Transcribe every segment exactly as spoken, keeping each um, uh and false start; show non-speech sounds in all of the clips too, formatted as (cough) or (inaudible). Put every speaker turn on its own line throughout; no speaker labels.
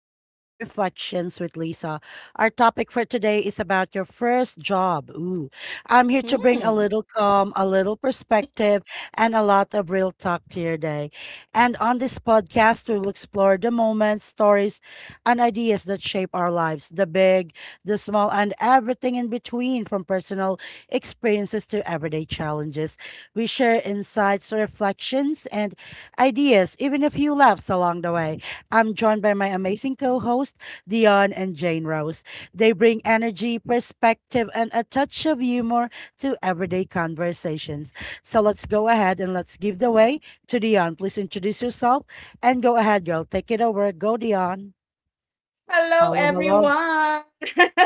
to Everyday Reflections with Lisa. Our topic for today is about your first job. Ooh, I'm here to bring a
Hmm.
little calm, a little perspective, and a lot of real talk to your day. And on this podcast, we will explore the moments, stories, and ideas that shape our lives, the big, the small, and everything in between, from personal experiences to everyday challenges. We share insights, reflections, and ideas, even a few laughs along the way. I'm joined by my amazing co host, Dion and Jane Rose. They bring energy, perspective, and a touch of humor to everyday conversations. So let's go ahead and let's give the way to Dion. Please introduce yourself and go ahead, girl. Take it over. Go, Dion.
Hello,
Hello, hello.
everyone.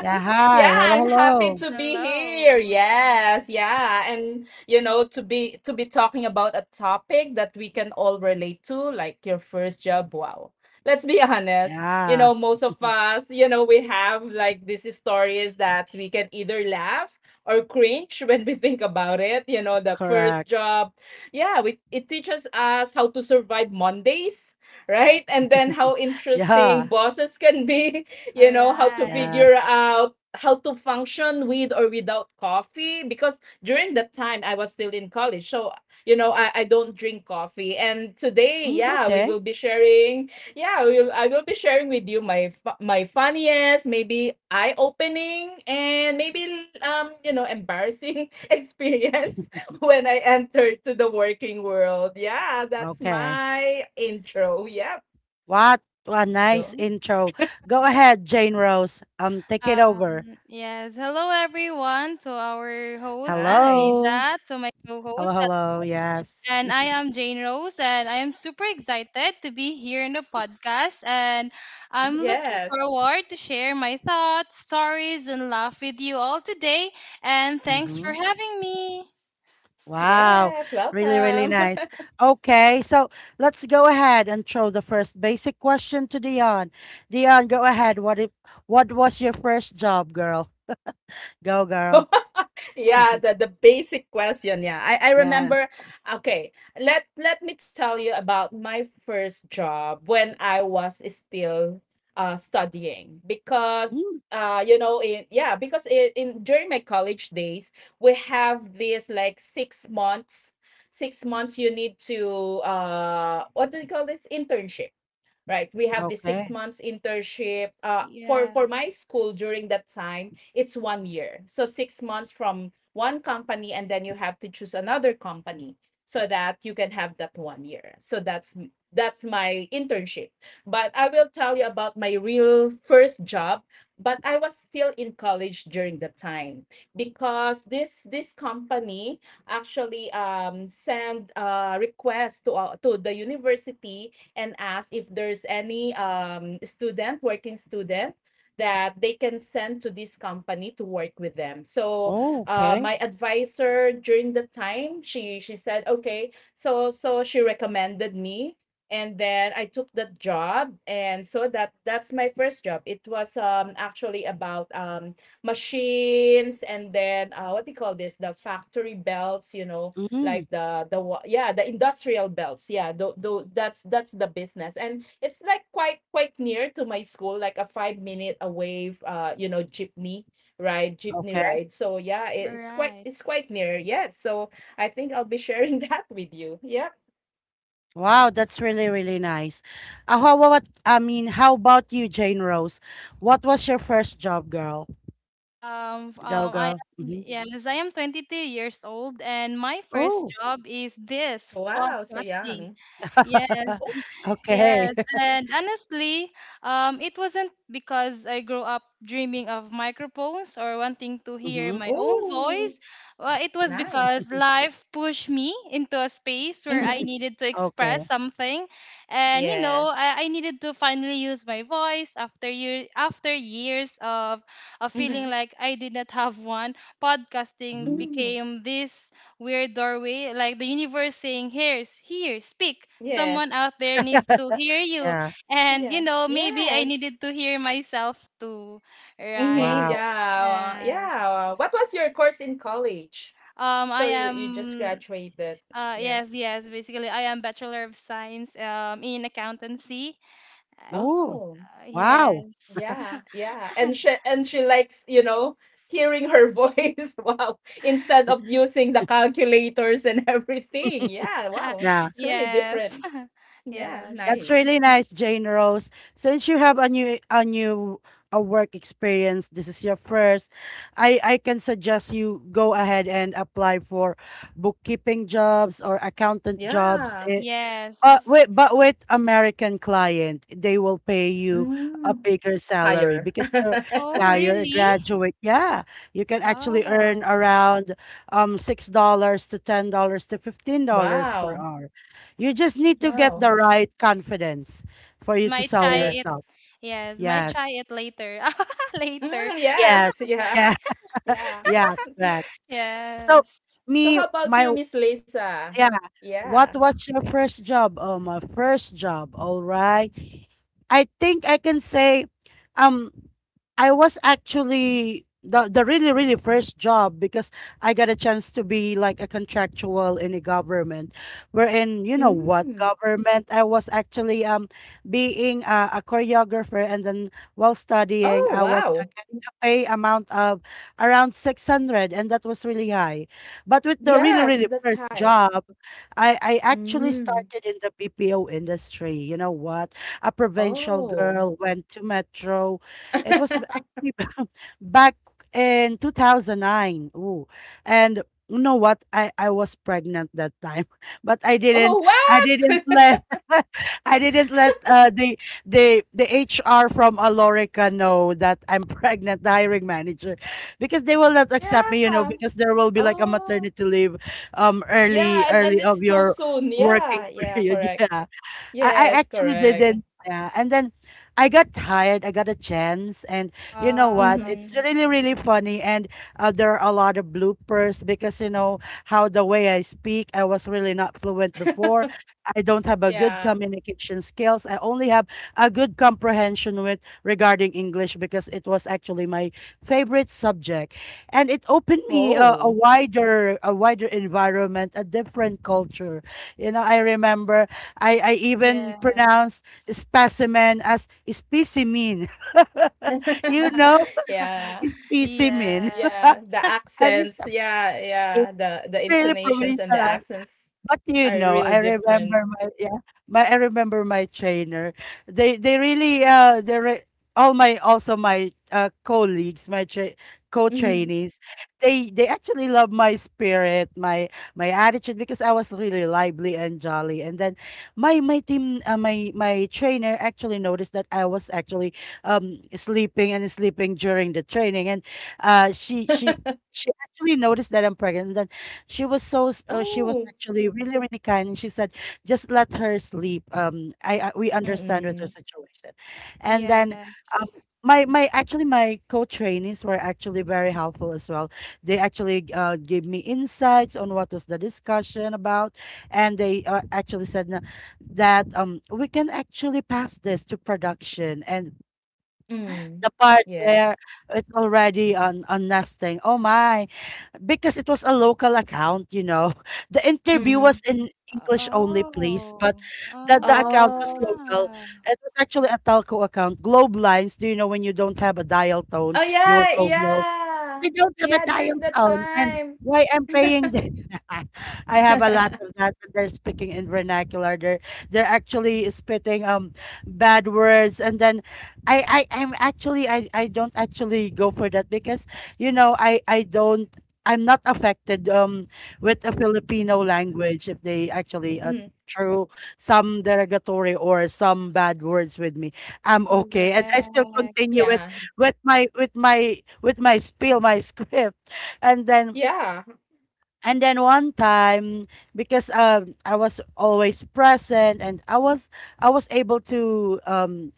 Yeah,
Yeah,
hi. Hello,
I'm happy
hello.
to be here.
Hello.
Yes,
Yes.
yeah, and you know to be to be talking about a topic that we can all relate to, like your first job. Wow. Let's be (laughs) honest. You
Yeah,
know, Mm. Most of
(laughs)
us, you know, we have like these stories that we can either laugh or cringe (laughs) when we think about it. You know, the first
correct.
job. Yeah, we, it teaches us how to survive Mondays, right? And then how interesting
Yeah,
bosses can be, (laughs)
All
you know, how to
right.
figure
yes.
out how to function with or without coffee. Because during that time, I was still in college. So, you know, I, I don't drink coffee. And today,
Mm,
yeah, we
okay,
will be sharing, yeah, we will, I will be sharing with you my, fu- my funniest, maybe eye opening, and maybe, um, you know, embarrassing (laughs) experience (laughs) when I entered to the working world. Yeah, that's
okay.
my intro. Yep.
What a
Go.
nice intro. Go ahead, Jane Rose. Um, take it over.
Um, yes. Hello, everyone, to our host,
Hi.
Hello.
Annalisa, to my co
Hello,
host,
hello. Yes.
and I am Jane Rose, and I am super excited to be here in the podcast. And
Mm-hmm.
I'm looking
Yes.
forward to share my thoughts, stories, and laugh with you all today. And thanks
Mm-hmm.
for having me.
Wow.
Yes. Welcome.
Really, really
(laughs)
nice. Okay, so let's go ahead and throw the first basic question to Dion. Dion, go ahead. What if What was your first job, girl? Go, girl.
Yeah, the, the basic question, yeah, I, I
Yes.
remember. Okay, let let me tell you about my first job when I was still uh studying. Because
Mm,
uh you know in yeah because in, in during my college days, we have this like six months six months. You need to, uh what do you call this, internship. Right, we have the six
okay.
months internship, uh, for for my
Yes.
school. During that time, it's one year. So six months from one company and then you have to choose another company so that you can have that one year. So that's m- that's my internship. But I will tell you about my real first job, but I was still in college during that time because this this company actually um send a request to, uh, to the university and ask if there's any, um, student, working student, that they can send to this company to work with them. So,
Oh,
uh,
okay.
my advisor during the time, she she said, okay, so so she recommended me, and then I took that job, and so that that's my first job. It was um actually about um machines, and then, uh, what do you call this? The factory belts, you know,
Mm,
like, uh, the wa- yeah the industrial belts. Yeah, though though, that's that's the business, and it's like quite quite near to my school, like a five minute away, uh you know jeepney ride jeepney
okay.
Mhm.
ride So yeah,
All
it's quite
right.
it's quite near. Yeah. So I think I'll be sharing (laughs) that with you. Yep.
Wow, that's really, really nice. Uh, how about, I mean, how about you, Jane Rose? What was your first job, girl?
Um, f-
Go,
um, I
girl.
am,
Mm-hmm.
yes, I am twenty-two years old, and my first
Oh,
job is this
Wow, so young.
podcasting. Yes,
Oh,
(laughs) okay.
yes,
(laughs)
and honestly, um, it wasn't because I grew up dreaming of microphones or wanting to hear
Mm-hmm.
my own
oh,
voice. Uh, it was
nice.
because life pushed me into a space where
Mm-hmm.
I needed to
Okay.
express something, and you
Yes.
know, I, I needed to finally use my voice after year after years of of
Mm-hmm.
feeling like I did not have one. Podcasting
Mm-hmm.
Mm-hmm.
became this weird doorway, like the universe saying, "Here's, here, speak. Someone
Yes.
out there needs to hear
(laughs)
you."
Yeah.
And, you
Yeah.
know, maybe I
Yes.
needed to hear myself too, right?
Mhm,
Wow.
yeah, uh,
Yes.
yeah. Uh, what was your course in college?
Um, I
So you you just
am.
graduated.
Uh,
Yeah.
yes, yes. Basically, I am Bachelor of Science um, in accountancy. Uh,
Oh,
Oh,
wow.
yes.
yeah, yeah. And she and she likes, you know, hearing her voice. (laughs) Wow. Instead of using the calculators and (laughs) everything. Yeah, wow.
Yeah.
(laughs) Yes. (laughs)
Yeah, nice.
Yes.
That's really nice, Jane Rose. Since you have a new a new a work experience, this is your first. I I can suggest you go ahead and apply for bookkeeping jobs or accountant
Yeah.
jobs. Eh, but
Yes.
with but with American client, they will pay you a
Mm.
bigger salary
Higher.
because you're
Oh,
yeah, you're a
really?
graduate. Yeah. You can actually earn
Oh.
around um six dollars to ten dollars to fifteen dollars per
Wow.
hour. You just need
As
to get the
Wow.
right confidence for
as
you to
my
sell
chai.
Yes.
yourself.
Yes, might
Yes.
try it later. (laughs) Later.
Mm,
Yes.
yes. (laughs) Yeah.
Yeah. (laughs)
Yeah.
Yeah, correct. So,
Yes.
So
me
how about
my
you, Miss Lisa?
yeah.
Yeah.
What was your first job? Oh, my first job. All right. I think I can say um I was actually the the really really first job because I got a chance to be like a contractual in a government, wherein you know
Mm.
what government I was actually um being a, a choreographer, and then while studying
Oh,
I was uh,
wow.
getting a pay amount of around six hundred, and that was really high, but with the really
Yes,
really
that's
first
high.
job, I I actually
Mm.
started in the B P O industry. You know what? A provincial
Oh.
girl went to metro. It was actually (laughs) back in twenty oh nine. Ooh. And you know what? I, I was pregnant that time, (laughs) but I
Oh,
didn't I
what?
didn't
(laughs)
let (laughs) I didn't let uh, the the the H R from Alorica know that I'm (laughs) pregnant, the hiring manager, because they will not accept me, you know,
Yeah.
because there will be like a
Oh,
maternity leave um early
yeah, and and
early
it's
of
too
your
soon.
working
Yeah,
(laughs)
yeah,
period.
correct.
Yeah. I, I
Yes,
actually
correct.
didn't. Yeah. And then I got tired. I got a chance. And you know what?
Wow.
Mm-hmm.
It's really, really funny. And uh, there are a lot of bloopers because, you know, how the way I speak, I was really not fluent before. I don't have a good
Yeah.
communication skills. I only have a good comprehension with regarding English because it was actually my favorite subject. And it opened me
Oh.
uh, a wider, a wider environment, a different culture. You know, I remember I, I even
Yes.
pronounce specimen as specimen. (laughs) you
(laughs)
know,
Yeah.
(laughs) specimen.
Yeah,
Yes.
the
(laughs) And it's
accents.
a
Yeah, yeah, the the
really
intonations and the
provincial,
accents
but you
are
know,
really
I
different.
remember my, yeah, my I remember my trainer. They they really uh they re- all my also my uh colleagues, my tra-
Mm-hmm.
co-trainees. They they actually love my spirit, my my attitude because I was really lively and jolly. And then my my team uh, my my trainer actually noticed that I was actually um sleeping and sleeping during the training. And uh she she she actually noticed that I'm pregnant. She was so s- uh, she was
Oh.
actually really really kind, and she said, just let her sleep. Um I, I we understand with her
Mm-mm.
situation. And then um
Yes.
my my actually my co-trainees were actually very helpful as well. They actually uh, gave me insights on what was the discussion about, and they uh, actually said na- that um we can actually pass this to production, and
Mm.
the part where
Yes.
it's already on on nesting. Oh my, because it was a local account, you know. (laughs) The interview
Mm-hmm.
was in English only, please, but
Oh.
that the
Ah.
account
Oh.
was local. It was actually a telco account, Globe Lines. Do you know when you don't have a dial tone,
Oh,
you will call
yeah,
Globe?
yeah.
I don't have a
Yeah,
dial
during that
tone, and
time.
why I'm paying the (laughs) I have a lot
(laughs)
of that. And they're speaking in vernacular. They're they're actually spitting um bad words, and then I I i am actually I I don't actually go for that, because you know I I don't. I'm not affected um with a Filipino language, if they actually uh,
Mhm.
throw some derogatory or some bad words with me. I'm okay, and I still
Correct.
continue it
Yeah.
with my with my with my spiel, my script. And then
Yeah.
and then one time, because um I was always present and I was I was able to um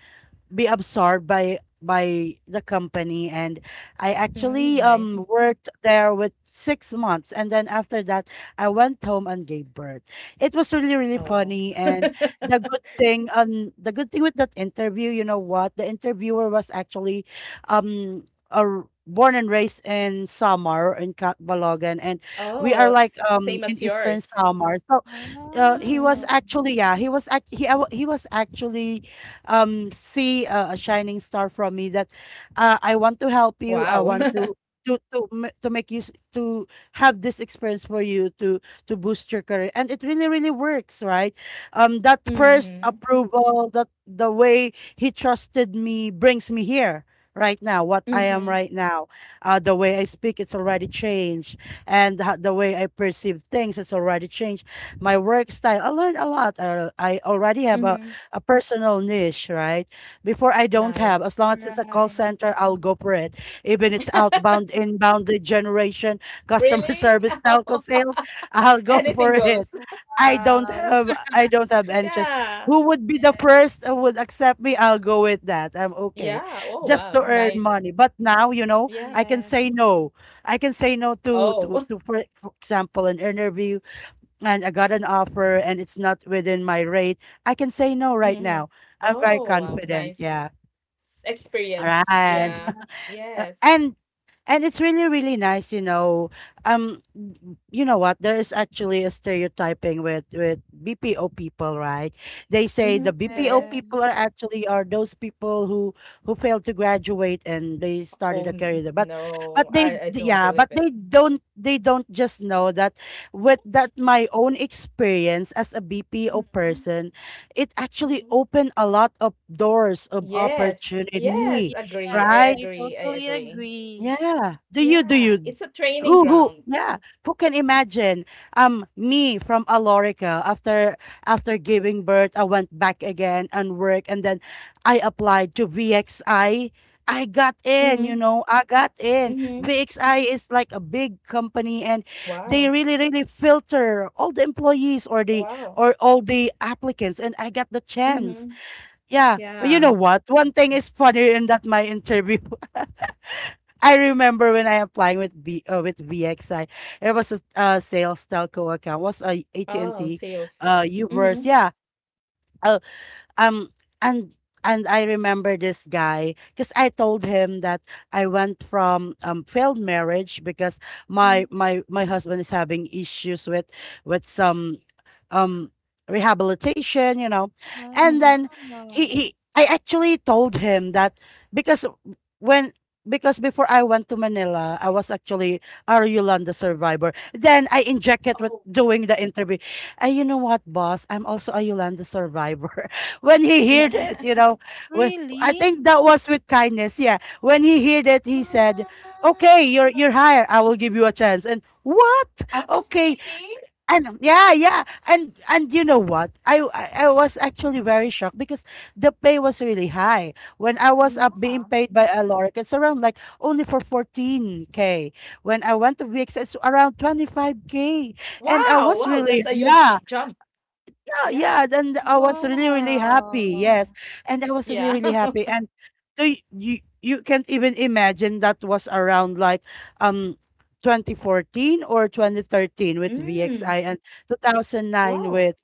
be absorbed by by the company, and I
Mm,
actually
nice.
um worked there with six months, and then after that I went home and gave birth. It was really really
Oh.
funny, and the good thing, um the good thing with that interview, you know what? The interviewer was actually um a r- born and raised in Samar in Ka- Balogan, and we
Oh,
are like
s
um
same as
in Eastern
yours.
Samar. So uh, he was
Mhm.
Oh.
actually yeah, he was act- he, aw- he was actually um see uh, a shining star from me that, uh, I want to help you,
Wow.
I want
(laughs)
to to to ma- to make you s- to have this experience for you to to boost your career. And it really really works, right? Um that first
Mhm.
approval, that the way he trusted me, brings me here right now, what I am
Mhm.
right now. Uh the way I speak, it's already changed, and ho- the way I perceive things, it's already changed. My work style, I learned a lot. I, I already have a,
Mhm.
a personal niche, right? Before I don't
Nice.
have. As long as it's a call
Right.
center, I'll go for it. Even it's outbound, inbound, lead generation, customer (laughs)
Really?
service,
(laughs) Oh,
telco sales, I'll go
anything
for
goes.
it.
(laughs)
Wow.
I don't have I don't have any choice.
Yeah.
Who would be the first who would accept me? I'll go with that. I'm okay.
Yeah. Oh,
Just
wow.
to earn
Nice.
money. But now, you know,
Yeah.
I can say
Yes.
no. I can say no to
Oh.
to,
(laughs)
to for, for example, an interview, and I got an offer and it's not within my rate, I can say no right
Mhm.
now. I'm very
Oh, wow.
confident.
Nice
Yeah.
s
All
experience.
right.
Yeah.
Wow.
(laughs)
Yes.
and and it's really, really nice, you know. Um, n- you know what? There is actually a stereotyping with with B P O people, right? They say the
Mhm. There
B P O
is.
people are
Yes.
actually are those people who who failed to graduate and they started
Oh,
a career
n
there. But but
no, I
they
I
d-
don't
yeah, but
believe it.
they don't they don't just know that with that my own experience as a B P O
Mm, mhm,
person, it actually
mhm.
opened a lot of doors of
Yes, yes,
opportunity,
agree.
Yes.
I
right?
I
agree. I
totally
agree.
agree.
Yeah. Do you do
Yeah,
you
it's a training
who who,
ground.
yeah, who can imagine? Um, me from Alorica, after after giving birth, I went back again and work, and then I applied to V X I. I I got in, you
Mhm,
know, I got in.
mhm.
V X I is like a big company, and they
Wow,
really, really filter all the employees, or the
wow.
or all the applicants, and I got the chance.
Mhm.
Yeah. You
Yeah.
know what? One thing is funny in that my interview. I remember when I applying with B uh, with V X I, it was a uh, sales telco account. Was a
Oh,
AT&T,
see.
uh, Uverse.
Mhm,
Yeah, um and and I remember this guy because I told him that I went from um failed marriage because my
mhm,
my my husband is having issues with with some um rehabilitation, you know. And
Ah.
then
mhm.
he, he I actually told him that, because when because before I went to Manila, I was actually a Yolanda survivor. Then I injected with
Oh,
doing the interview. Uh, you know what, boss? I'm also a Yolanda survivor. When he heard
yeah.
it,
(laughs)
you know, wh- I
Really?
think that was with kindness. Yeah, when he heard it, he said, "Okay, you're you're
Wow.
hired. I will give you a chance." And what?
Out of
Okay,
pity?
and yeah, yeah, and and you know what? I I, I was actually very shocked because the pay was really high. When I was
Yeah.
up being paid by Aloric, it's around like only for fourteen k. When I went to V X, it's around twenty-five k, and I
Wow,
was
wow, that's a
really,
huge
yeah.
jump.
Oh,
Yeah,
yeah, then I was really, really happy. Yes.
Wow.
And I was
yeah.
really, really
(laughs)
happy. And so y- you you can't even imagine that was around like um twenty fourteen or twenty thirteen with
Mm,
V X I and two thousand nine
wow.
with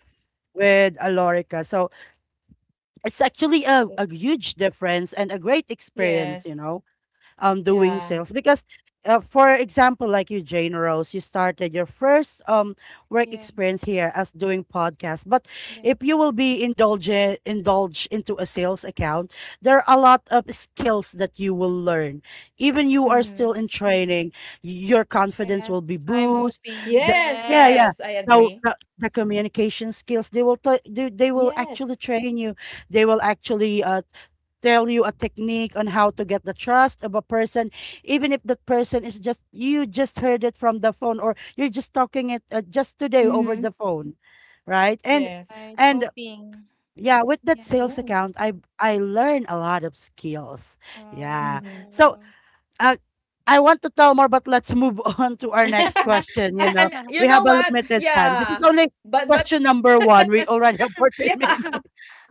with Alorica. So it's actually a, a huge difference and a great
Yeah,
experience, you know um doing
yeah.
sales because uh, for example, like you, Jane Rose, you started your first um work
Yes.
experience here as doing podcast. But if
Yes.
you will be indulgent indulge into a sales account, there are a lot of skills that you will learn even you are
Mm-hmm.
still in training. Your confidence
Yes.
will be
I'm
boost.
hoping.
the,
Yes,
yeah,
yes,
yeah.
Yes.
I agree.
Now the, the communication skills, they will t- they, they will actually train you. They will actually uh, tell you a technique on how to get the trust of a person, even if that person is just — you just heard it from the phone or you're just talking it, uh, just today over
Mhm.
the phone, right? and
Yes.
Right.
and
Hoping.
yeah, with that sales
Yeah.
Yes.
account, i i learn a lot of skills. Yeah.
Mhm.
So
Wow.
uh, I want to tell more, but let's move (laughs) on to our next
(laughs)
question
I
you know
I'm you
We
(laughs)
have
know
a
what?
limited time. This is
Yeah.
only
But but
question number one. We already have fourteen
yeah,
minutes.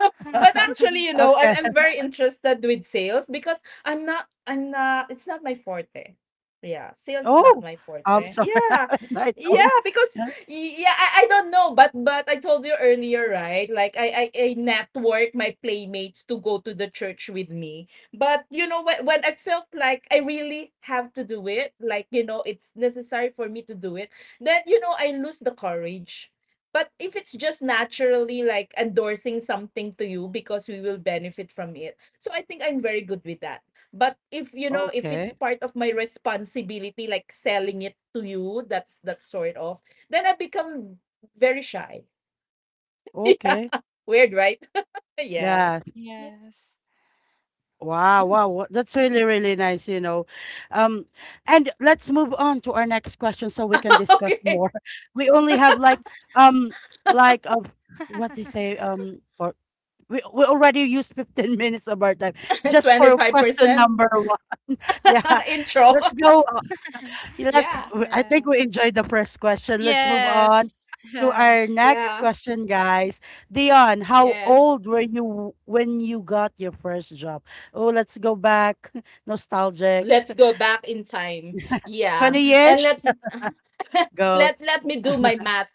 (laughs) but
(laughs)
actually, you know, I'm
Okay.
I'm very interested with sales because I'm not I'm not it's not my forte. Yeah, sales is not
Oh,
my
I'm
forte.
sorry,
Yeah.
(laughs) I
Yeah,
don't
because
yeah,
y yeah, I I don't know, but but I told you earlier, right? Like I I I network my playmates to go to the church with me. But you know when when I felt like I really have to do it, like, you know, it's necessary for me to do it, then, you know, I lose the courage. But if it's just naturally like endorsing something to you because we will benefit from it. So I think I'm very good with that. But if, you know, if it's
okay,
part of my responsibility, like selling it to you, that's that sort of, then I become very shy. (laughs) Yeah,
okay.
weird, right? (laughs) Yeah.
Yeah.
Yeah.
Yes.
Wow,
Mm.
wow, wha that's really, really nice, you know. Um, and let's move on to our next question so we can
(laughs)
discuss
Okay.
more. (laughs) We only have like um like, uh, what they say,
(laughs)
um for we we already used fifteen (laughs) minutes of our time
(laughs)
just for question
twenty-five percent
number one. (laughs) Yeah.
(laughs) intro.
Let's go
(laughs)
Yeah, Let's,
Yeah.
w- I
Yeah.
think we enjoyed the first question. Let's move on
Yes.
to
Yeah.
our next
Yeah.
question, guys. Dion, how
Yes.
old were you when you got your first job? Oh, let's go back. (laughs) Nostalgic.
Let's
(laughs)
go back in time. Yeah. And
twenty-ish-ish?
let
Go,
let let me do my math.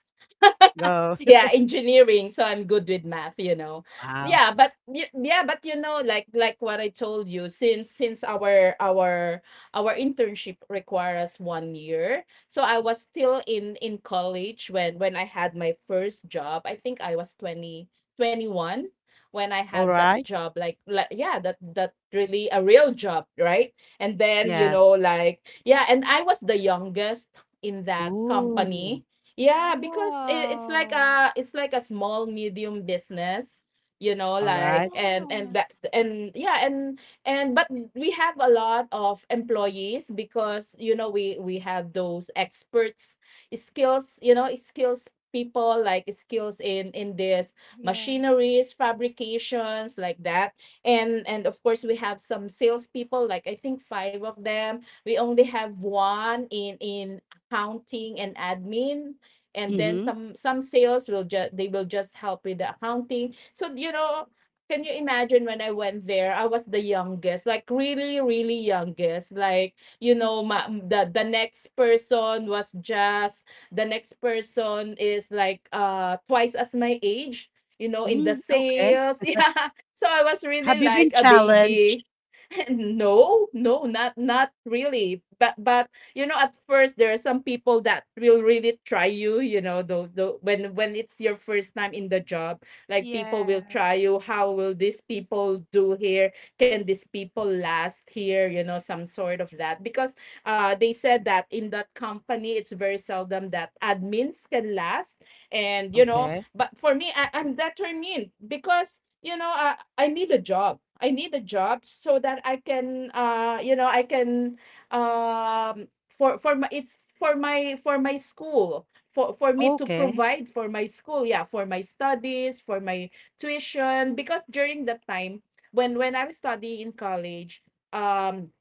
go. (laughs)
Yeah, engineering, so I'm good with math you know
Wow.
Yeah, but y- yeah but you know like like what I told you, since since our our our internship require us one year, so I was still in in college when when I had my first job. I think I was twenty twenty one when I
All
had that
right.
job. like like yeah that that really a real job, right? And then, you know
Yes.
like yeah and I was the youngest in that
Ooh.
company. Yeah, because it, it's like
Wow.
a, it's like a small medium business, you know,
All
like,
right.
and and
Ah,
that and yeah and and but we have a lot of employees because, you know we we have those experts skills, you know, skills people, like skills in in this
yes.
machineries fabrications like that. And and of course we have some salespeople, like I think five of them. We only have one in in accounting and admin. And then
Mm-hmm.
some some sales will just, they will just help with the accounting. So, you know can you imagine, when I went there, I was the youngest, like really really youngest. Like, you know my, the the next person was just, the next person is like, uh twice as my age, you know in the
Mm, okay.
sales (laughs) yeah, so I was really
Have you been
like a
challenged?
baby. (laughs) No, no, not not really, but but you know, at first, there are some people that will really try you, you know, the, the when when it's your first time in the job. Like, people will try
Yes.
you, how will these people do here, can these people last here, you know some sort of that. Because uh they said that in that company it's very seldom that admins can last. And, you know
Okay.
but for me, I, I'm determined because, you know, uh, I need a job. I need a job so that I can, uh you know I can um for for my it's for my, for my school, for for me to
Okay.
provide for my school. Yeah, for my studies, for my tuition. Because during that time, when when I was studying in college, um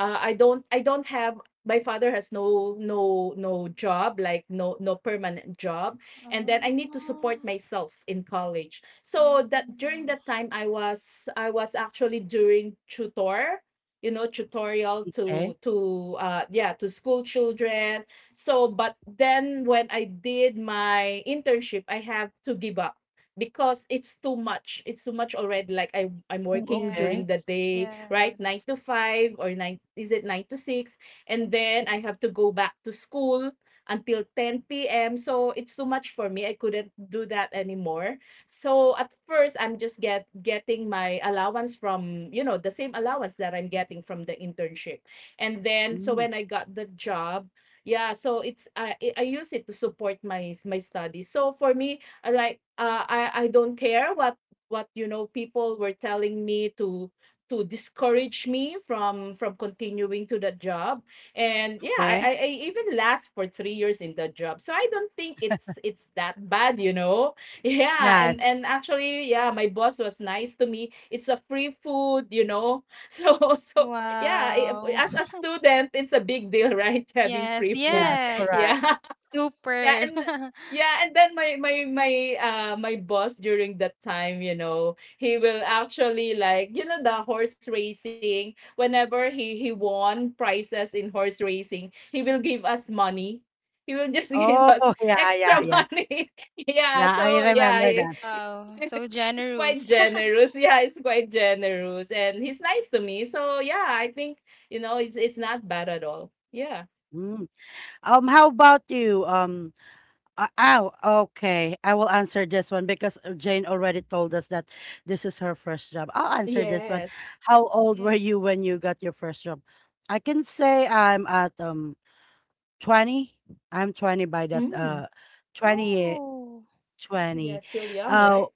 uh, I don't I don't have. My father has no, no, no job, like no, no permanent job. And then I need to support myself in college. So that during
Oh,
that time, I was I was actually doing tutor, you know, tutorial. to
Okay.
to uh yeah, to school children. So, but then when I did my internship, I have to give up because it's too much. It's too much already. Like, I I'm
Ooh,
working
okay.
during the
yes,
day, right? Nine
yes.
to five, or nine, is it nine to six? And then I have to go back to school until ten p m. So it's too much for me. I couldn't do that anymore. So at first, I'm just get getting my allowance from, you know, the same allowance that I'm getting from the internship. And then, so
Mm,
when I got the job, yeah, so it's, I I I use it to support my my studies. So for me, uh, like uh, I I don't care what what you know people were telling me, to to discourage me from from continuing to that job. And yeah, I,
okay.
I I even last for three years in that job, so I don't think it's it's that bad you know (laughs) Yeah, and
Yes.
and actually, yeah, my boss was nice to me. It's a free food you know (laughs) so so yeah, i-
Wow.
as a
(laughs)
student it's a big deal, right? (laughs) Having
Yes,
free food.
Yes.
yes.
(laughs)
Correct.
Yeah. Yeah,
Super.
and th-
(laughs)
yeah, and then my my my uh my boss during that time, you know, he will actually like, you know the horse racing. Whenever he he won prizes in horse racing, he will give us money. He will just (laughs) give
Oh,
us
(laughs) yeah,
extra
yeah, yeah.
money. (laughs) Yeah,
Yeah, I
so yeah,
remember
he,
that.
(laughs)
Wow, so
he's
generous.
quite
(laughs)
generous. Yeah, it's quite generous, and he's nice to me. So yeah, I think you know it's it's not bad at all. Yeah.
Mm. Um, how about you? Um, uh, oh, okay. I will answer this one because uh, Jane already told us that this is her first job. I'll answer this one.
Yes.
How old were
Yes.
you when you got your first job? I can say I'm at um twenty. I'm twenty by that uh
Mm.
twenty twenty.
Oh,
Yeah, still young,
Uh
right?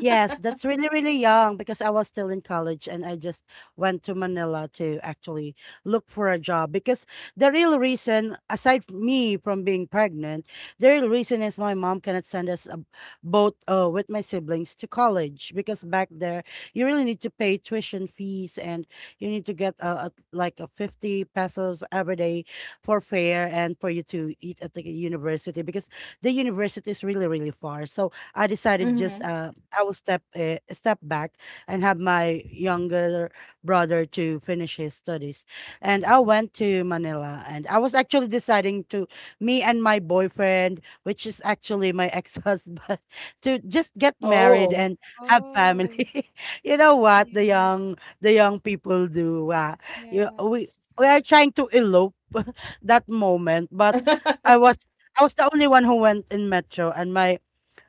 Yes, that's really, really young because I was still in college and I just went to Manila to actually look for a job. Because the real reason, aside from me from being pregnant, the real reason is my mom cannot send us a, both, uh, with my siblings to college, because back there you really need to pay tuition fees, and you need to get uh a, like a fifty pesos every day for fare and for you to eat at the university, because the university is really, really far. So I decided, just
Mhm.
uh I will step uh, step back and have my younger brother to finish his studies. And I went to Manila and I was actually deciding to — me and my boyfriend, which is actually my ex-husband, (laughs) to just get married
Oh.
and have
oh.
family. (laughs) You know what the
Yes,
young the young people do. Uh, you, we
yes.
we are trying to elope (laughs) that moment, but I was I was the only one who went in metro, and my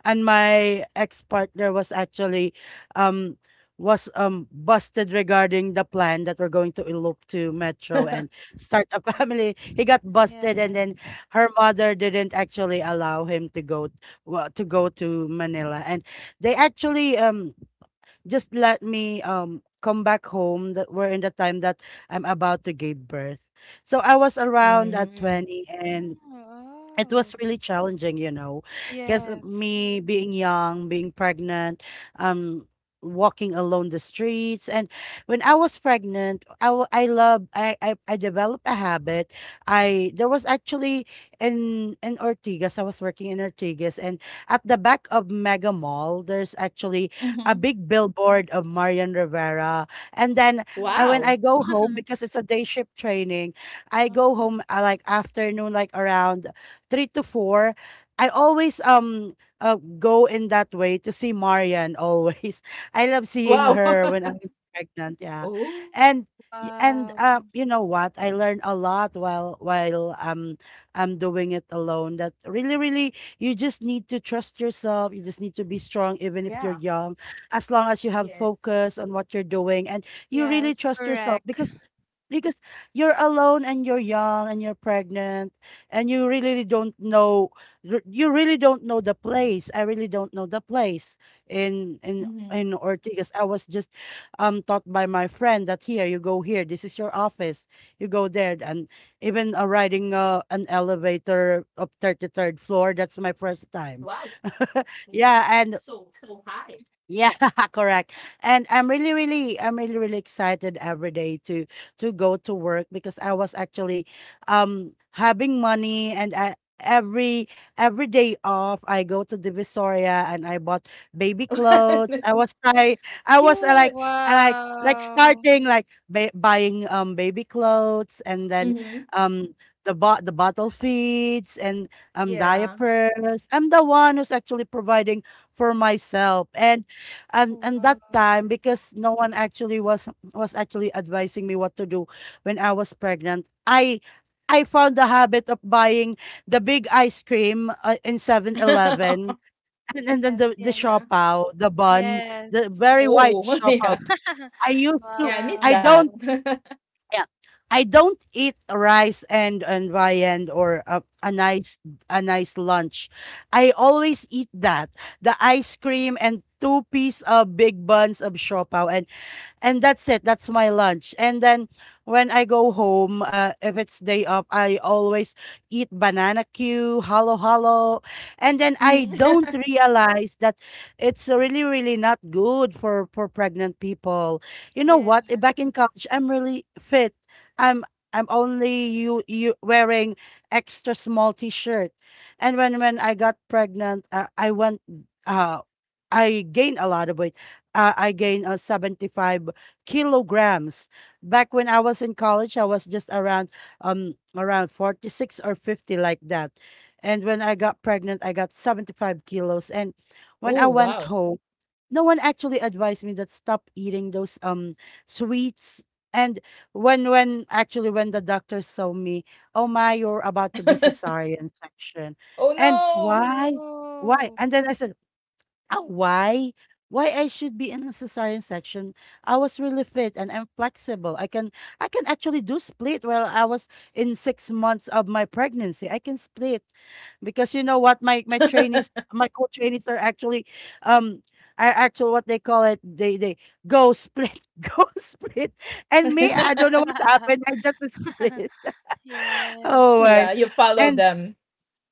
and my ex-partner was actually um was um busted regarding the plan that we're going to elope to Metro and
(laughs)
start a (laughs)
(laughs)
family. He got
Yes.
busted, and then her mother didn't actually allow him to go, well, to go to Manila, and they actually um just let me um come back home that we're in the time that I'm about to give birth. So I was around at
Mm.
twenty, and
Oh,
it
oh.
was really challenging, you know, because
Yes.
me being young, being pregnant, um, walking alone the streets. And when I was pregnant, I w- I love I, I I developed a habit. I There was actually in in Ortigas, I was working in Ortigas, and at the back of Mega Mall, there's actually a
Mhm.
big billboard of Marian Rivera. And then I
Oh.
when
Wow.
I go home,
(laughs)
because it's a day shift training, I go
Oh.
home, uh, like afternoon, like around three to four. I always um uh, go in that way to see Marian always. (laughs) I love seeing
Wow.
her
(laughs)
when I'm pregnant. Yeah,
Oh.
and y- and uh,
Wow.
you know what? I learned a lot while while um I'm doing it alone. That really, really — you just need to trust yourself. You just need to be strong, even if you're
Yeah.
young. As long as you have
Yes.
focus on what you're doing, and you really
Yes,
trust yourself,
correct.
because because you're alone and you're young and you're pregnant and you really don't know — r- you really don't know the place. I really don't know the place, in in
Mhm.
in Ortigas. I was just um taught by my friend that here you go, here this is your office, you go there. And even uh, riding uh, an elevator up thirty-third floor, that's my first time.
Wow.
(laughs)
Mhm.
Yeah. And
So so high.
yeah, (laughs) correct. And I'm really, really — I'm really, really excited every day to to go to work because I was actually um having money, and I, every every day off I go to Divisoria and I bought baby clothes. I
(laughs)
was I I was uh,
Cute.
like I like like
Wow.
starting like ba- buying um baby clothes, and then
Mhm.
um the bo- the bottle feeds and um
Yeah.
diapers. I'm the one who's actually providing for myself, and and and that
Wow.
time because no one actually was was actually advising me what to do. When I was pregnant, i i found the habit of buying the big ice cream, uh, in Seven
(laughs)
Eleven And, and then
Yes,
the the
yes.
Yeah.
shopao, the bun,
Yes.
the very white
Oh, (laughs) yeah.
shopao
(laughs)
I used
Yeah,
to
I miss
I
that.
don't
Wow.
(laughs)
Yeah. I don't eat rice, and and viand, or a, a nice a nice lunch. I always eat that — the ice cream and two piece of big buns of siopaw, and that's it. That's my lunch. And then when I go home, uh, if it's day off I always eat banana cue, halo halo. And then I
Mhm.
don't realize that it's really, really not good for for pregnant people. You know
Yes.
what? Eh, back in college I'm really fit. i'm I'm only — you, you wearing extra small t-shirt. And when when I got pregnant, uh, I went, uh I gained a lot of weight. Uh, I gained uh, seventy-five kilograms. Back when I was in college, I was just around um around forty-six or fifty like that. And when I got pregnant, I got seventy-five kilos. And when I
Oh,
went
wow.
home, no one actually advised me that stop eating those um sweets. And when when actually when the doctor saw me, oh my, you're about to be cesarean section.
Oh,
And
no.
why? Why?
No.
And then I said, ah, why? Why I should be in a cesarean section? I was really fit and I'm flexible. I can I can actually do split while I was in six months of my pregnancy. I can split because you know what, my my trainees, my co-trainees are actually um are actually what they call it, they they go split (laughs) go split. And me, I don't
(laughs)
know what happened, I
(laughs)
just split. (laughs) Oh
Yes.
my.
Yeah, you follow
And
them.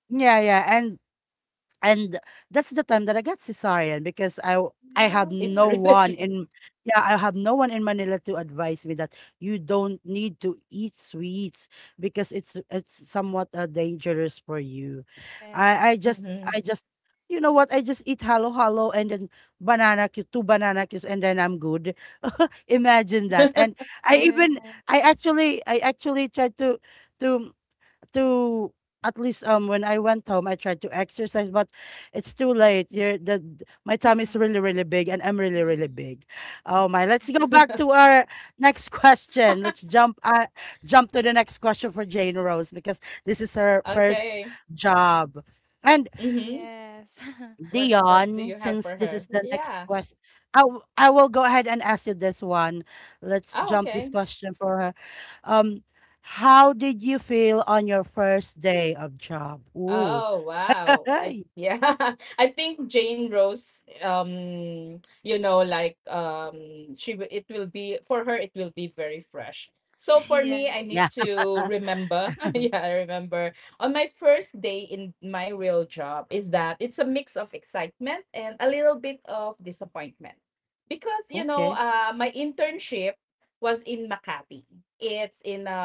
yeah, yeah. And and that's the time that I got cesarean because I w- I have
It's
no
No.
really
one
true.
in yeah, I have no one in Manila to advise me that you don't need to eat sweets because it's it's somewhat uh, dangerous for you. I I
Yes.
just
Mhm.
I just you know what, I just eat halo halo and then banana cue, two banana cues, and then I'm good. (laughs) Imagine that. And
(laughs)
I even I
Yes.
actually I actually tried to to to at least um when I went home, I tried to exercise, but it's too late. You're, the d- my tummy is
(laughs)
really, really big, and I'm really, really
Mm,
big. Oh my! Let's go
okay.
back to our next question. Let's jump, uh, jump to the next question for Jane Rose, because this is her first
Okay.
job. And
Mhm.
Yes. (laughs)
What what do
Dion,
you have
since
for
this
her?
is the next
Yeah.
question, I, w- I will go ahead and ask you this one. Let's
Oh,
jump this
okay.
question for her. Um, how did you feel on your first day of job? Ooh,
Oh, wow. I
(laughs)
yeah. (laughs) I think Jane Rose um you know like um she wi- it will be for her it will be very fresh. So for me I
Yes.
need
yeah.
to remember (laughs) yeah, I remember on my first day in my real job is that it's a mix of excitement and a little bit of disappointment. Because you know,
Okay.
uh my internship was in Makati. It's in a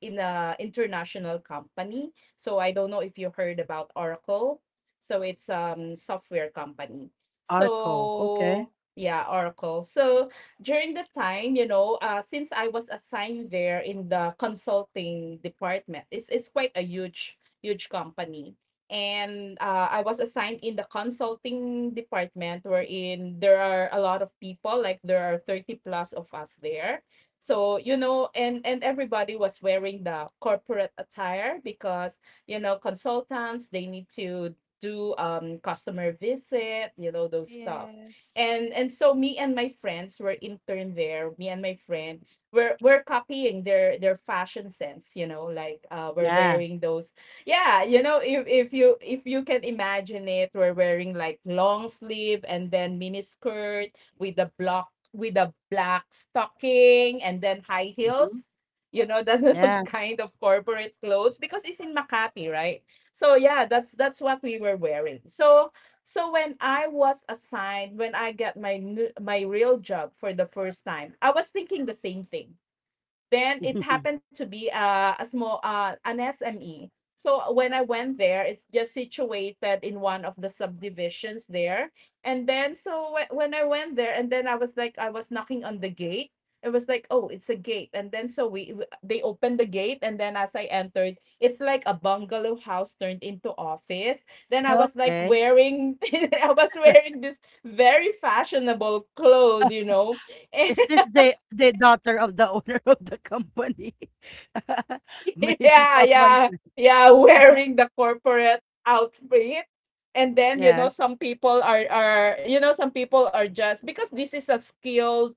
in a international company, so I don't know if you heard about Oracle. So it's um software company.
Arco. Okay.
So yeah, Oracle. So during the time, you know, uh, since I was assigned there in the consulting department, it's it's quite a huge huge company. And uh, I was assigned in the consulting department wherein there are a lot of people, like there are thirty plus of us there. So, you know, and and everybody was wearing the corporate attire because you know, consultants, they need to do um customer visit, you know, those stuff.
Yes.
And and so me and my friends were intern there. Me and my friend were were copying their their fashion sense, you know, like uh we're
Yeah.
wearing those yeah, you know, if if you if you can imagine it, we're wearing like long sleeve and then mini skirt with a block with a black stocking and then high
Hmm.
heels. You know, that (laughs) those
Yeah.
kind of corporate clothes because it's in Makati, right? So yeah, that's that's what we were wearing. So so when I was assigned, when I got my new, my real job for the first time, I was thinking the same thing. Then it
(laughs)
happened to be a, a small uh, an S M E. So when I went there, it's just situated in one of the subdivisions there. And then so whe- when I went there, and then I was like, I was knocking on the gate. It was like, oh, it's a gate. And then so we w- they opened the gate, and then as I entered, it's like a bungalow house turned into office. Then I was like
Okay.
wearing, (laughs) I was wearing this very fashionable clothes, you know.
Is this
(laughs)
the the daughter of the (laughs) owner of the company? (laughs)
(laughs)
Maybe
yeah,
someone.
yeah, yeah, wearing the corporate outfit. And then, you know,
Yes.
some people are are you know, some people are just because this is a skill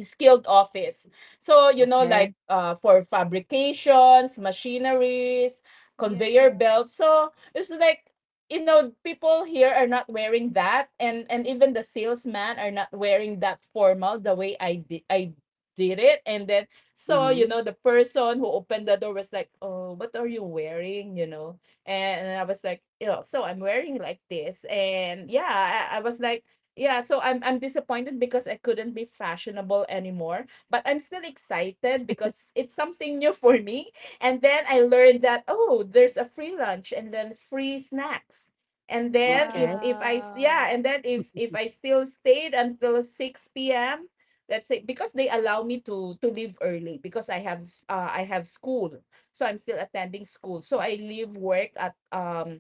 skilled office. So, you know,
Okay.
like uh, for fabrications, machineries, conveyor
Yes.
belts. So it's like, you know, people here are not wearing that. And, and even the salesman are not wearing that formal the way I did. I did it. And then, so,
Mm-hmm.
you know, the person who opened the door was like, oh, what are you wearing? You know? And I was like, you know, so I'm wearing like this. And yeah, I, I was like, yeah, so I'm I'm disappointed because I couldn't be fashionable anymore, but I'm still excited because it's something new (laughs) for me. And then I learned that oh, there's a free lunch and then free snacks. And then
Okay.
if if I s-
Wow.
yeah, and then if if I still stayed until six p m, let's say because they allow me to to leave early because I have uh I have school. So I'm still attending school. So I leave work at um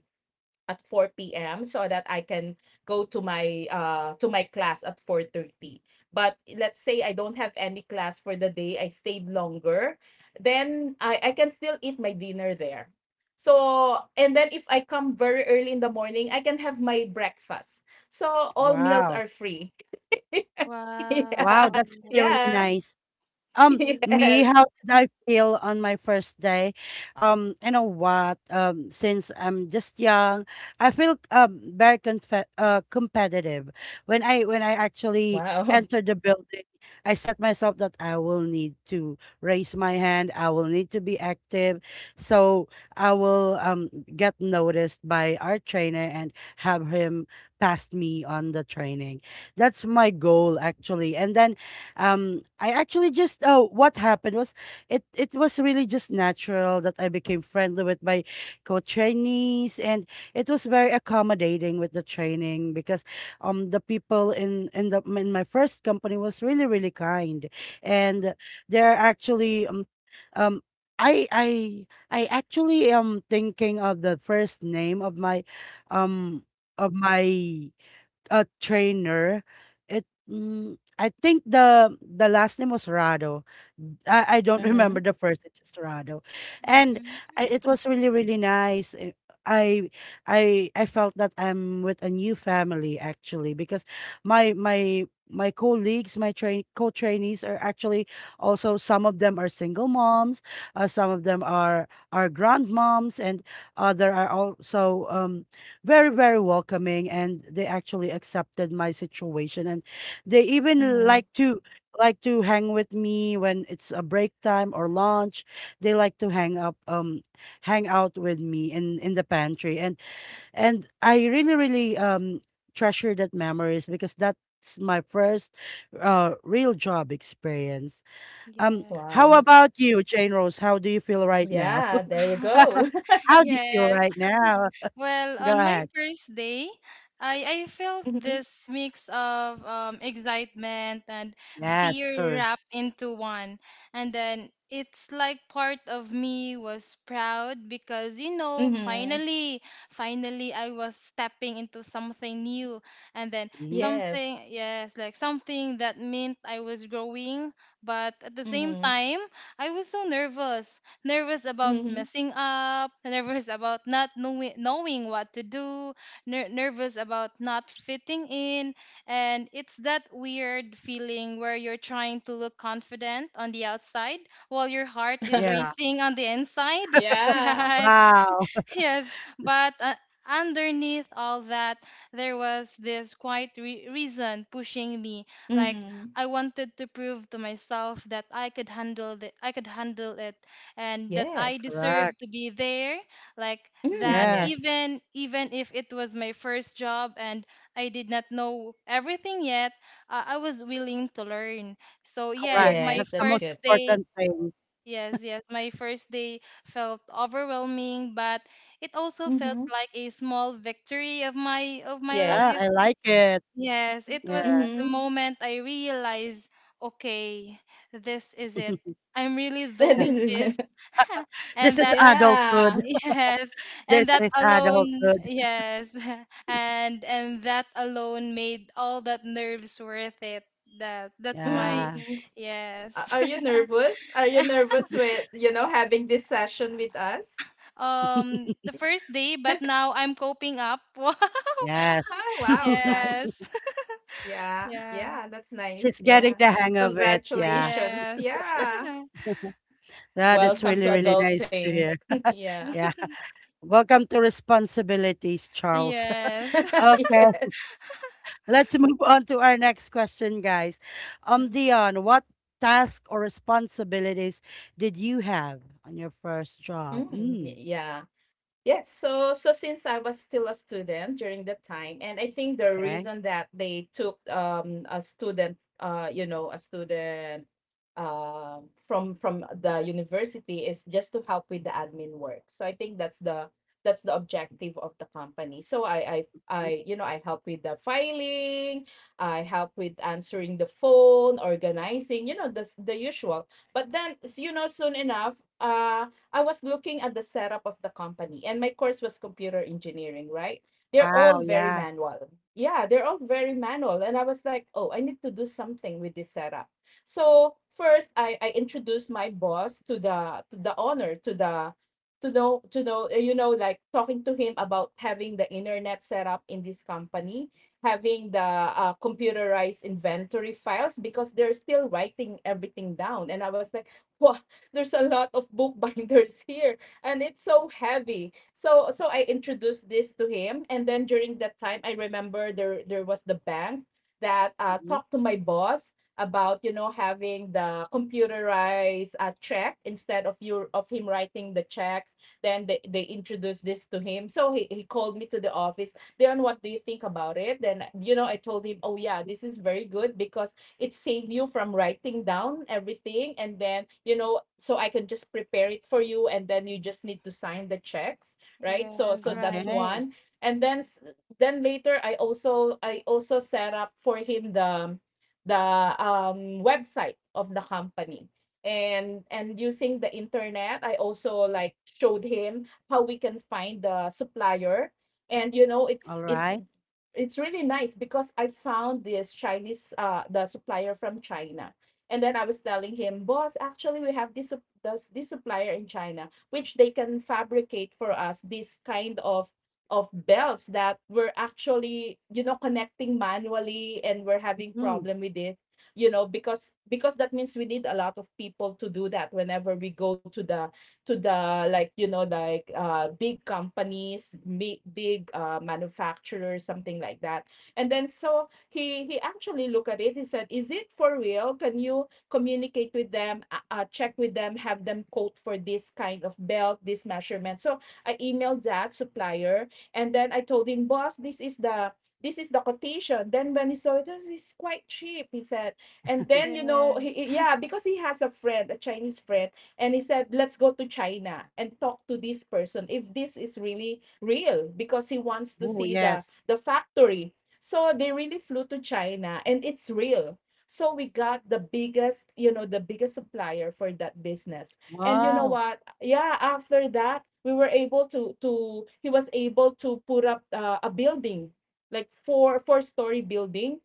at four p m so that I can go to my uh to my class at four thirty. But let's say I don't have any class for the day, I stayed longer, then I I can still eat my dinner there. So and then if I come very early in the morning, I can have my breakfast. So all meals
Wow.
are free. (laughs)
Wow,
yeah.
that's really,
Wow.
really
Yeah.
nice. Um,
(laughs)
Yeah.
me,
Yes.
how did I feel on my first day? Um, you know what? Um, since I'm just young, I feel um very conf- uh, competitive. When I when I actually
Wow.
entered the building, I set myself that I will need to raise my hand. I will need to be active, so I will um get noticed by our trainer and have him pass me on the training. That's my goal actually, and then um I actually just uh, what happened was it it was really just natural that I became friendly with my co-trainees, and it was very accommodating with the training because um the people in in the in my first company was really really kind, and they're actually um, um I I I actually am thinking of the first name of my um of my a trainer. It mm, I think the the last name was Rado. I, I don't (laughs)
Mhm.
remember the first. It's just Rado, and
Mm-hmm.
I, it was really really nice. I I I I felt that I'm with a new family actually because my my my colleagues, my train co-trainees, are actually also, some of them are single moms, uh, some of them are are grandmoms, and uh, there are also um very very welcoming, and they actually accepted my situation, and they even like
Mhm.
to like to hang with me. When it's a break time or lunch, they like to hang up um hang out with me in in the pantry. And and I really really um treasure that memories because that's my first uh real job experience. Um how
Wow.
Yes.
about you, Jane Rose? How do you feel right now?
Yeah, there you go.
(laughs)
(laughs)
(laughs) How do you feel
Yes.
right now?
Well,
Go
on my
ahead.
first day, I, I felt
Mhm.
this mix of um, excitement and
Yeah,
fear
true.
wrapped into one. And then it's like part of me was proud because, you know,
Mhm.
finally, finally I was stepping into something new. And then
Mhm.
Yes.
something, yes, like something that meant I was growing. But at the same
Mhm.
time, I was so nervous nervous about
Mhm.
messing up, (laughs) nervous about not knowing, knowing what to do, ner- nervous about not fitting in. And it's that weird feeling where you're trying to look confident on the outside while your heart is
Yeah.
(laughs)
racing on the inside. (laughs)
Yeah.
Yeah.
Wow.
Yes, but uh, underneath all that, there was this quiet re- reason pushing me. Like
Mm.
I wanted to prove to myself that I could handle it. I could handle it, and that I
Yes.
deserve
Correct.
to be there. Like that,
Mm,
Yes.
yes.
even even if it was my first job and I did not know everything yet, uh, I was willing to learn. So yeah,
Correct.
my
Yes,
That's the
that's
most
good.
first day.
important thing.
Yes, yes. My first day felt overwhelming, but it also felt
Mhm.
like a small victory of my of my
Yeah,
life.
Yes.
I like it.
Yes, it was
Yeah.
the
Mhm.
moment I realized, okay, this is it.
(laughs)
I'm really
(laughs) This
doing
is
this.
(laughs)
(laughs)
This
And
is
that
Yeah.
adulthood.
yes,
This
and that
is
alone,
adulthood.
yes. (laughs) And and that alone made all that nerves worth it. That that's my
Yeah.
Mm. A-
Yes.
Are you
(laughs)
nervous? Are you nervous with, you know, having this session with us?
um the first day, but now I'm coping up. (laughs) Wow.
(laughs)
Yes.
Ah, wow, nice.
(laughs)
Yes. (laughs)
Yeah.
Yeah.
Yeah, that's nice.
She's getting
Yeah.
the hang of it. Yeah.
Congratulations.
Yes. (laughs)
Yeah.
Yeah, that's
Welcome
really,
to
Indeed.
really nice to
adulting.
hear.
(laughs) yeah.
Yeah.
(laughs)
(laughs) Welcome to responsibilities, Charles.
Yes.
(laughs)
(laughs)
(laughs)
Okay.
Yes.
Let's move on to our next question, guys. Um, Dion, what task or responsibilities did you have on your first job?
Mm,
Mm,
y- yeah. Yes, so so since I was still a student during that time, and I think the
okay.
reason that they took um a student uh you know a student um from from the university is just to help with the admin work. So I think that's the that's the objective of the company. So I I I
Mm,
you know I help with the filing, I help with answering the phone, organizing, you know the s- the usual. But then s- you know soon enough, uh I was looking at the setup of the company, and my course was computer engineering, right? They're
wow,
all very
yeah.
manual. Yeah, they're all very manual. And I was like, oh, I need to do something with this setup. So first I, I introduced my boss to the to the owner, to the to know to know uh, you know like talking to him about having the internet set up in this company, having the uh, computerized inventory files because they're still writing everything down, and I was like wow, (laughs) there's a lot of bookbinders (laughs) here, and it's so heavy. So so I introduced this to him, and then during that time I remember there there was the bank that uh,
Mhm.
talked to my boss about you know having the computerized uh, check instead of your of him writing the checks. Then they, they introduced this to him, so he, he called me to the office. Then what do you think about it? Then you know, I told him, oh yeah, this is very good because it save you from writing down everything, and then you know so I can just prepare it for you, and then you just need to sign the checks, right? So
Yes,
so
right.
that's
Okay.
one, and then s- then later I also i also set up for him the the um website of the company. and and using the internet I also like showed him how we can find the supplier, and you know
All
it's it's
right.
it's really nice because I found this Chinese uh, the supplier from China. And then I was telling him, boss, actually we have this sup- this, this supplier in China, which they can fabricate for us this kind of of belts that were actually, you know, connecting manually and we're having
Mm.
problem with it, you know, because because that means we need a lot of people to do that whenever we go to the to the like you know like uh big companies, big big uh manufacturers, something like that. And then so he he actually looked at it. He said, is it for real? Can you communicate with them? Uh, uh, check with them, have them quote for this kind of belt, this measurement. So I emailed that supplier, and then I told him, boss, this is the this is the quotation. Then when he saw it, "Oh, it's quite cheap," he said. And then you know he,
Yes.
he- yeah
(laughs)
because he has a friend, a Chinese friend, and he said, let's go to China and talk to this person if this is really real, because he wants to
Oh,
see the
yes.
the factory. So they really flew to China, and it's real. So we got the biggest, you know, the biggest supplier for that business. And you know
Wow.
what, yeah, after that we were able to to he was able to put up uh, a building, like four four story building.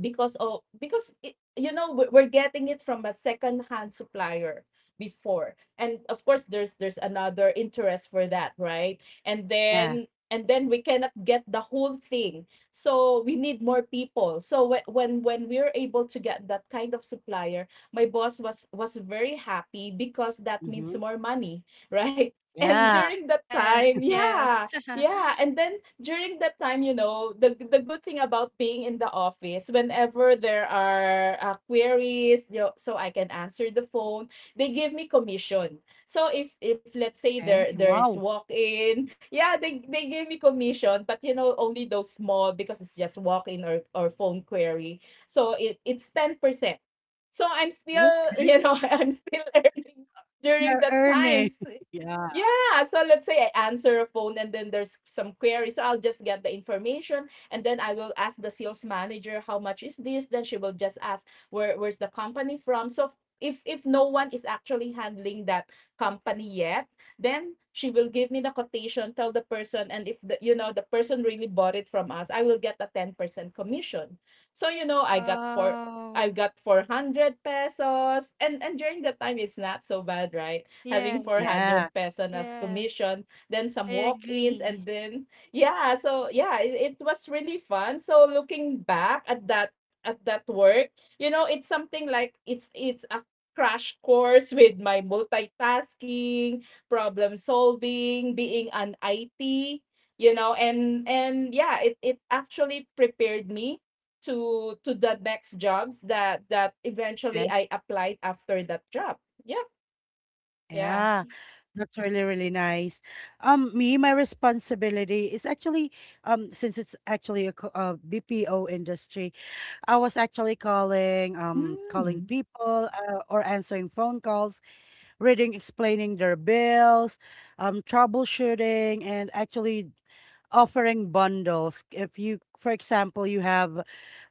Because oh because it, you know, we're we're getting it from a second hand supplier before, and of course there's there's another interest for that, right? And
Yeah.
then and then we cannot get the whole thing. So we need more people, so whe- when when we are able to get that kind of supplier, my boss was was very happy because that
Mm-hmm.
means more money, right? (laughs) And
Yeah.
during that
Yes,
time,
yes.
yeah. Yeah,
(laughs)
and then during that time, you know, the the good thing about being in the office, whenever there are uh, queries, you know, so I can answer the phone, they give me commission. So if if let's say there
Okay.
there is
Wow.
walk in, yeah, they they give me commission, but you know only those small because it's just walk in or or phone query. So it it's ten percent. So I'm still (laughs)
Okay.
you know I'm still (laughs) earning during
You're
that
earning.
times.
(laughs) Yeah.
Yeah, so let's say I answer a phone and then there's some query. So I'll just get the information and then I will ask the sales manager, how much is this? Then she will just ask where where's the company from. So if if no one is actually handling that company yet, then she will give me the quotation, tell the person, and if the you know the person really bought it from us, I will get a ten percent commission. So you know, I got four I
Wow.
got four hundred pesos, and and during that time it's not so bad, right? Having
Yes.
four hundred
Yeah.
peso as
Yes.
commission, then
I
some walk-ins,
agree.
and then yeah, so yeah, it, it was really fun. So looking back at that at that work, you know, it's something like it's it's a crash course with my multitasking, problem solving, being an I T, you know, and and yeah, it it actually prepared me to to the next jobs that that
Okay.
eventually I applied after that job. Yeah, yeah.
Yeah, that's really, really nice. Um, me, my responsibility is actually, um, since it's actually a co- uh B P O industry. I was actually calling, um,
Mm,
calling people, uh, or answering phone calls, reading, explaining their bills, um, troubleshooting, and actually offering bundles. If you, for example, you have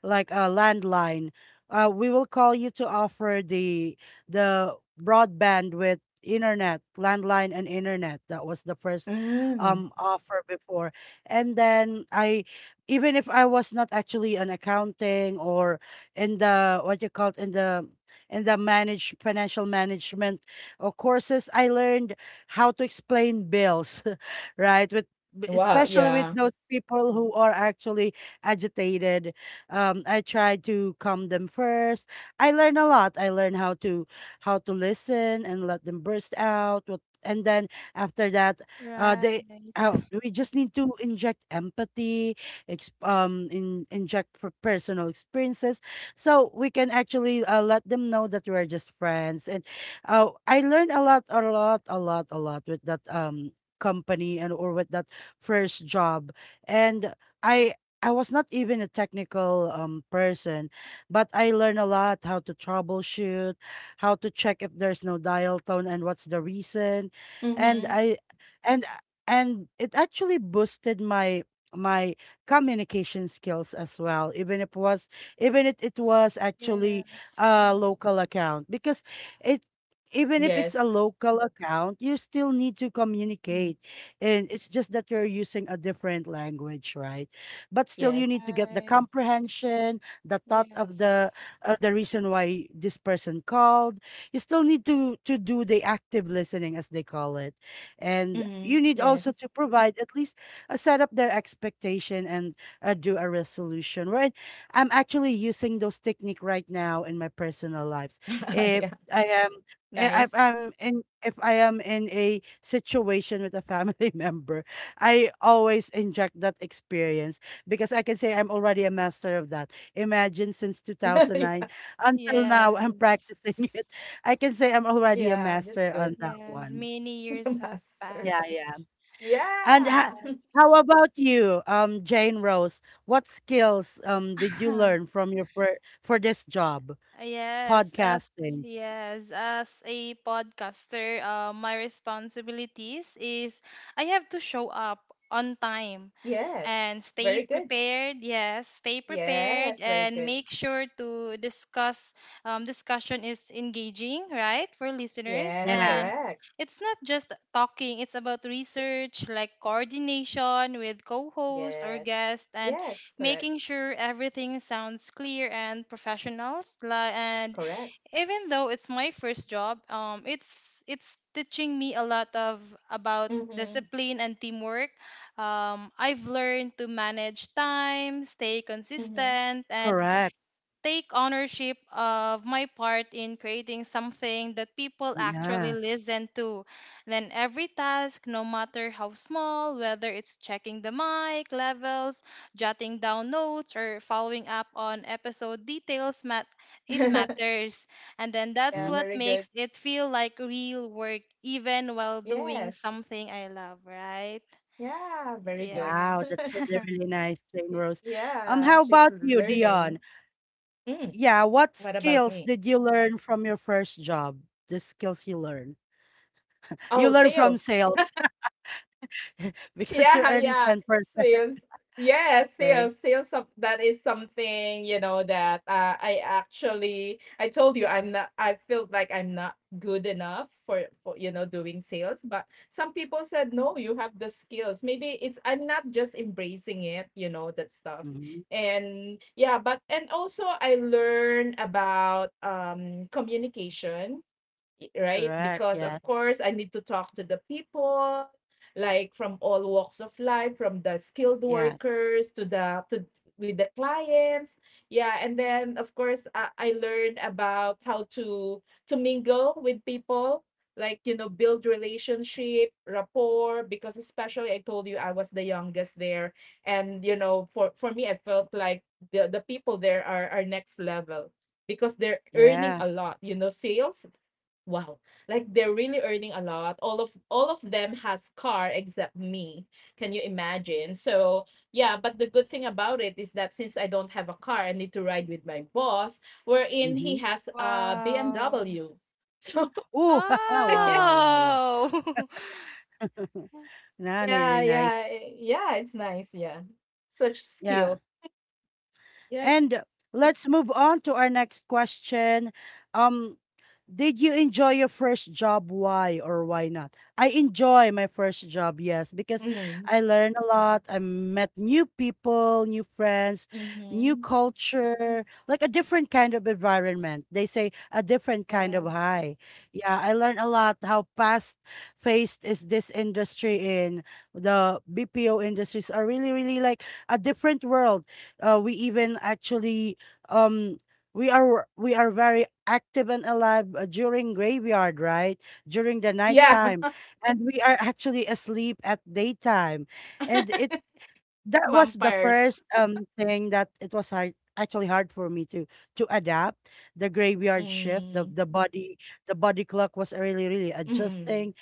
like a landline, uh, we will call you to offer the the broadband with internet, landline and internet. That was the first
mm.
um offer before. And then I, even if I was not actually an accounting or in the what you call it, in the in the manage financial management or courses, I learned how to explain bills, (laughs) right? With b-
Wow,
especially with
yeah.
those people who are actually agitated. Um, I try to calm them first. I learn a lot. I learn how to how to listen and let them burst out. What and then after that, uh,
Right.
they. Uh, we just need to inject empathy, ex- um, in, inject for personal experiences, so we can actually uh, let them know that we're just friends. And uh, I learned a lot, a lot, a lot, a lot with that um company, and or with that first job. And I I was not even a technical um person, but I learned a lot how to troubleshoot, how to check if there's no dial tone and what's the reason. And
Mhm.
I and and it actually boosted my my communication skills as well, even if it was even if it was actually
Yes.
a local account. Because it,
Yes.
even if it's a local account, you still need to
Mhm.
communicate, and it's just that you're using a different language, right? But still, you
Yes.
need to get the
Right.
comprehension, the thought of
Yes.
the uh, the reason why this person called. You still need to to do the active listening, as they call it, and
Mhm.
you need
Yes.
also to provide at least a set up their expectation and uh, do a resolution. Right? I'm actually using those technique right now in my personal lives.
(laughs) Yeah,
If I eh,
nice.
I I'm in if I am in a situation with a family (laughs) member, I always inject that experience because I can say I'm already a master of that. Imagine since
(laughs) Yeah,
two thousand nine until now, I'm
Yes.
practicing (laughs) it. I can say I'm already a
yeah, that's
master
good.
on that
Yes,
one.
(laughs)
many
The
years have
master
Yeah,
one.
passed.
yeah. And
Yeah.
Yeah.
ha-
(laughs)
how about you, um, Jane Rose? What skills um did you learn
(laughs)
from your per- for this job,
Yes, as
podcasting?
yes, as a podcaster, uh, my responsibilities is I have to show up on time
Yes.
and
Very
stay
good.
prepared, yes, stay
Yes,
prepared
very
and
good.
make sure to discuss um, discussion is engaging, right, for listeners,
Yes,
Yeah,
and
correct.
it's not just talking, it's about research, like coordination with co-hosts or
Yes.
guests, and
Yes, correct.
making sure everything sounds clear and professional. And
Correct.
even though it's my first job, um it's it's teaching me a lot of about
Mhm.
discipline and teamwork. Um, I've learned to manage time, stay
Mhm.
consistent, and
correct.
take ownership of my part in creating something that people actually
Yeah.
listen to. Then every task, no matter how small, whether it's checking the mic levels, jotting down notes, or following up on episode details, mat- it
(laughs)
matters. And then that's
Yeah,
Mm.
what
very good.
makes it feel like real work, even while doing
Yes.
something I love, right?
Yeah, very good.
Yes.
Wow, that's really,
(laughs)
really nice, Jane
Y-
Rose. Um,
Yeah,
how
she's
about you,
learning.
Dion?
Mm.
Yeah, what
What about
skills
me?
did you learn from your first job? The skills you learn. You
Oh,
learn from
sales. (laughs)
sales (laughs) because you're
Yeah,
earning
yeah.
ten percent.
Sales. Yes,
Okay.
sales. Sales some- that is something, you know, that uh, I actually I told you I'm not, I feel like I'm not good enough for, for you know, doing sales, but some people said, no, you have the skills. Maybe it's I'm not just embracing it, you know, that stuff.
Hmm.
And yeah, but and also I learned about um communication, right?
Correct.
Because of
Yeah.
course I need to talk to the people like from all walks of life, from the skilled
Yes.
workers to the to with the clients. Yeah, and then of course I, I learned about how to to mingle with people, like you know, build relationship, rapport, because especially I told you I was the youngest there, and you know, for for me I felt like the the people there are are next level because they're earning
Yeah.
a lot, you know, sales. Wow. Like they're really earning a lot. All of all of them has car except me. Can you imagine? So, yeah, but the good thing about it is that since I don't have a car, I need to ride with my boss, wherein he
Mm-hmm.
has a
Wow.
B M W. (laughs) So,
Ooh, (laughs) wow, wow, wow, wow.
Wow. (laughs)
(laughs) Nah,
yeah,
really
yeah, yeah,
nice.
eh, yeah, it's nice, yeah. Such
Yeah.
skill. Yep.
And let's move on to our next question. Um, Did you enjoy your first job? Why or why not? I enjoy my first job, yes, because
Mm.
I learned a lot. I met new people, new friends,
Mm-hmm.
new culture, like a different kind of environment. They say a different kind of
Yes,
high. Yeah, I learned a lot how fast faced is this industry in the B P O industries are really, really like a different world. Uh, we even actually um we are we are very active and alive uh, during graveyard, right, during the
Yeah,
nighttime, and we are actually asleep at daytime. And it
(laughs)
That was the
vampires.
first um thing that it was hard, actually hard for me to to adapt the graveyard shift. the
Mm.
the body the body clock was really really
Mm-mm.
adjusting.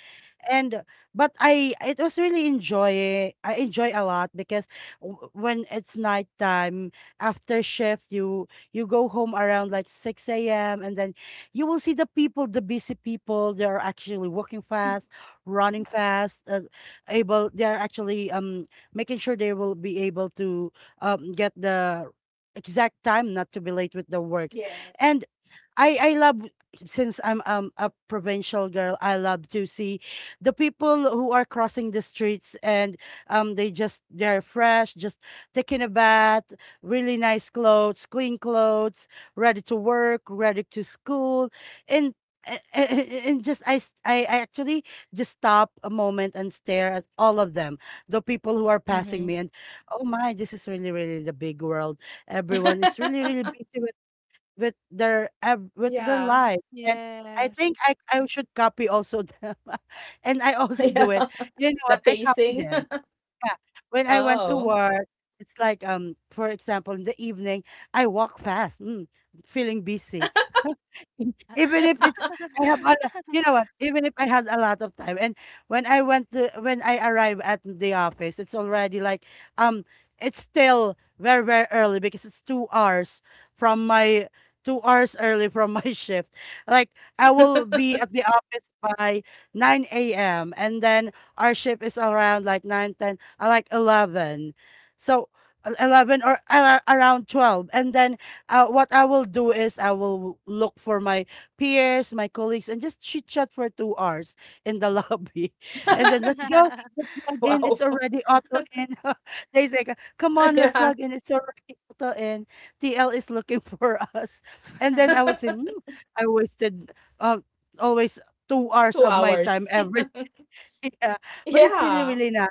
And uh, but I it was really enjoy I enjoy a lot because w- when it's nighttime, after shift, you you go home around like six a m, and then you will see the people, the busy people, they are actually walking fast, running fast, uh, able they are actually um making sure they will be able to um get the exact time, not to be late with the works.
Yes.
And I I love, since I'm um a provincial girl, I love to see the people who are crossing the streets, and um they just they're fresh, just taking a bath, really nice clothes, clean clothes, ready to work, ready to school, and. A- a- a- And just I, s- I I actually just stop a moment and stare at all of them, the people who are
Mm-hmm.
passing me, and oh my, this is really really the big world. Everyone is really really busy with their ev- with
Yeah.
their life. And I think
yes.
i i should copy also them. (laughs) And I
(laughs)
also
Yeah.
do it. You know what?
The
I copy
pacing.
them. Yeah, when I went to
Oh.
work, it's like, um for example, in the evening, I walk fast, mm, feeling busy, (laughs) even
(laughs)
if
(laughs)
it's, I have a, lo- you know what, even if I had a lot of time, and when I went to when I arrive at the office, it's already like um it's still very very early, because it's two hours from my two hours early from my (laughs) shift. Like, I will be at the office by nine a m, and then our shift is around like nine ten, uh, like eleven, so uh, eleven or uh, around twelve. And then uh, what I will do is I will look for my peers, my colleagues, and just chit chat for two hours in the (laughs) lobby. And then let's go, let's log in.
Wow.
It's already auto in. (laughs) They say, come
(laughs)
on, let's
Yeah.
log in. It's already auto in. T L is looking (laughs) for us. And then I would say,
(laughs)
"Hmm, I wasted um, always two hours
two
of my
hours.
time every day." (laughs) Yeah. But it's really,
Yeah.
really nice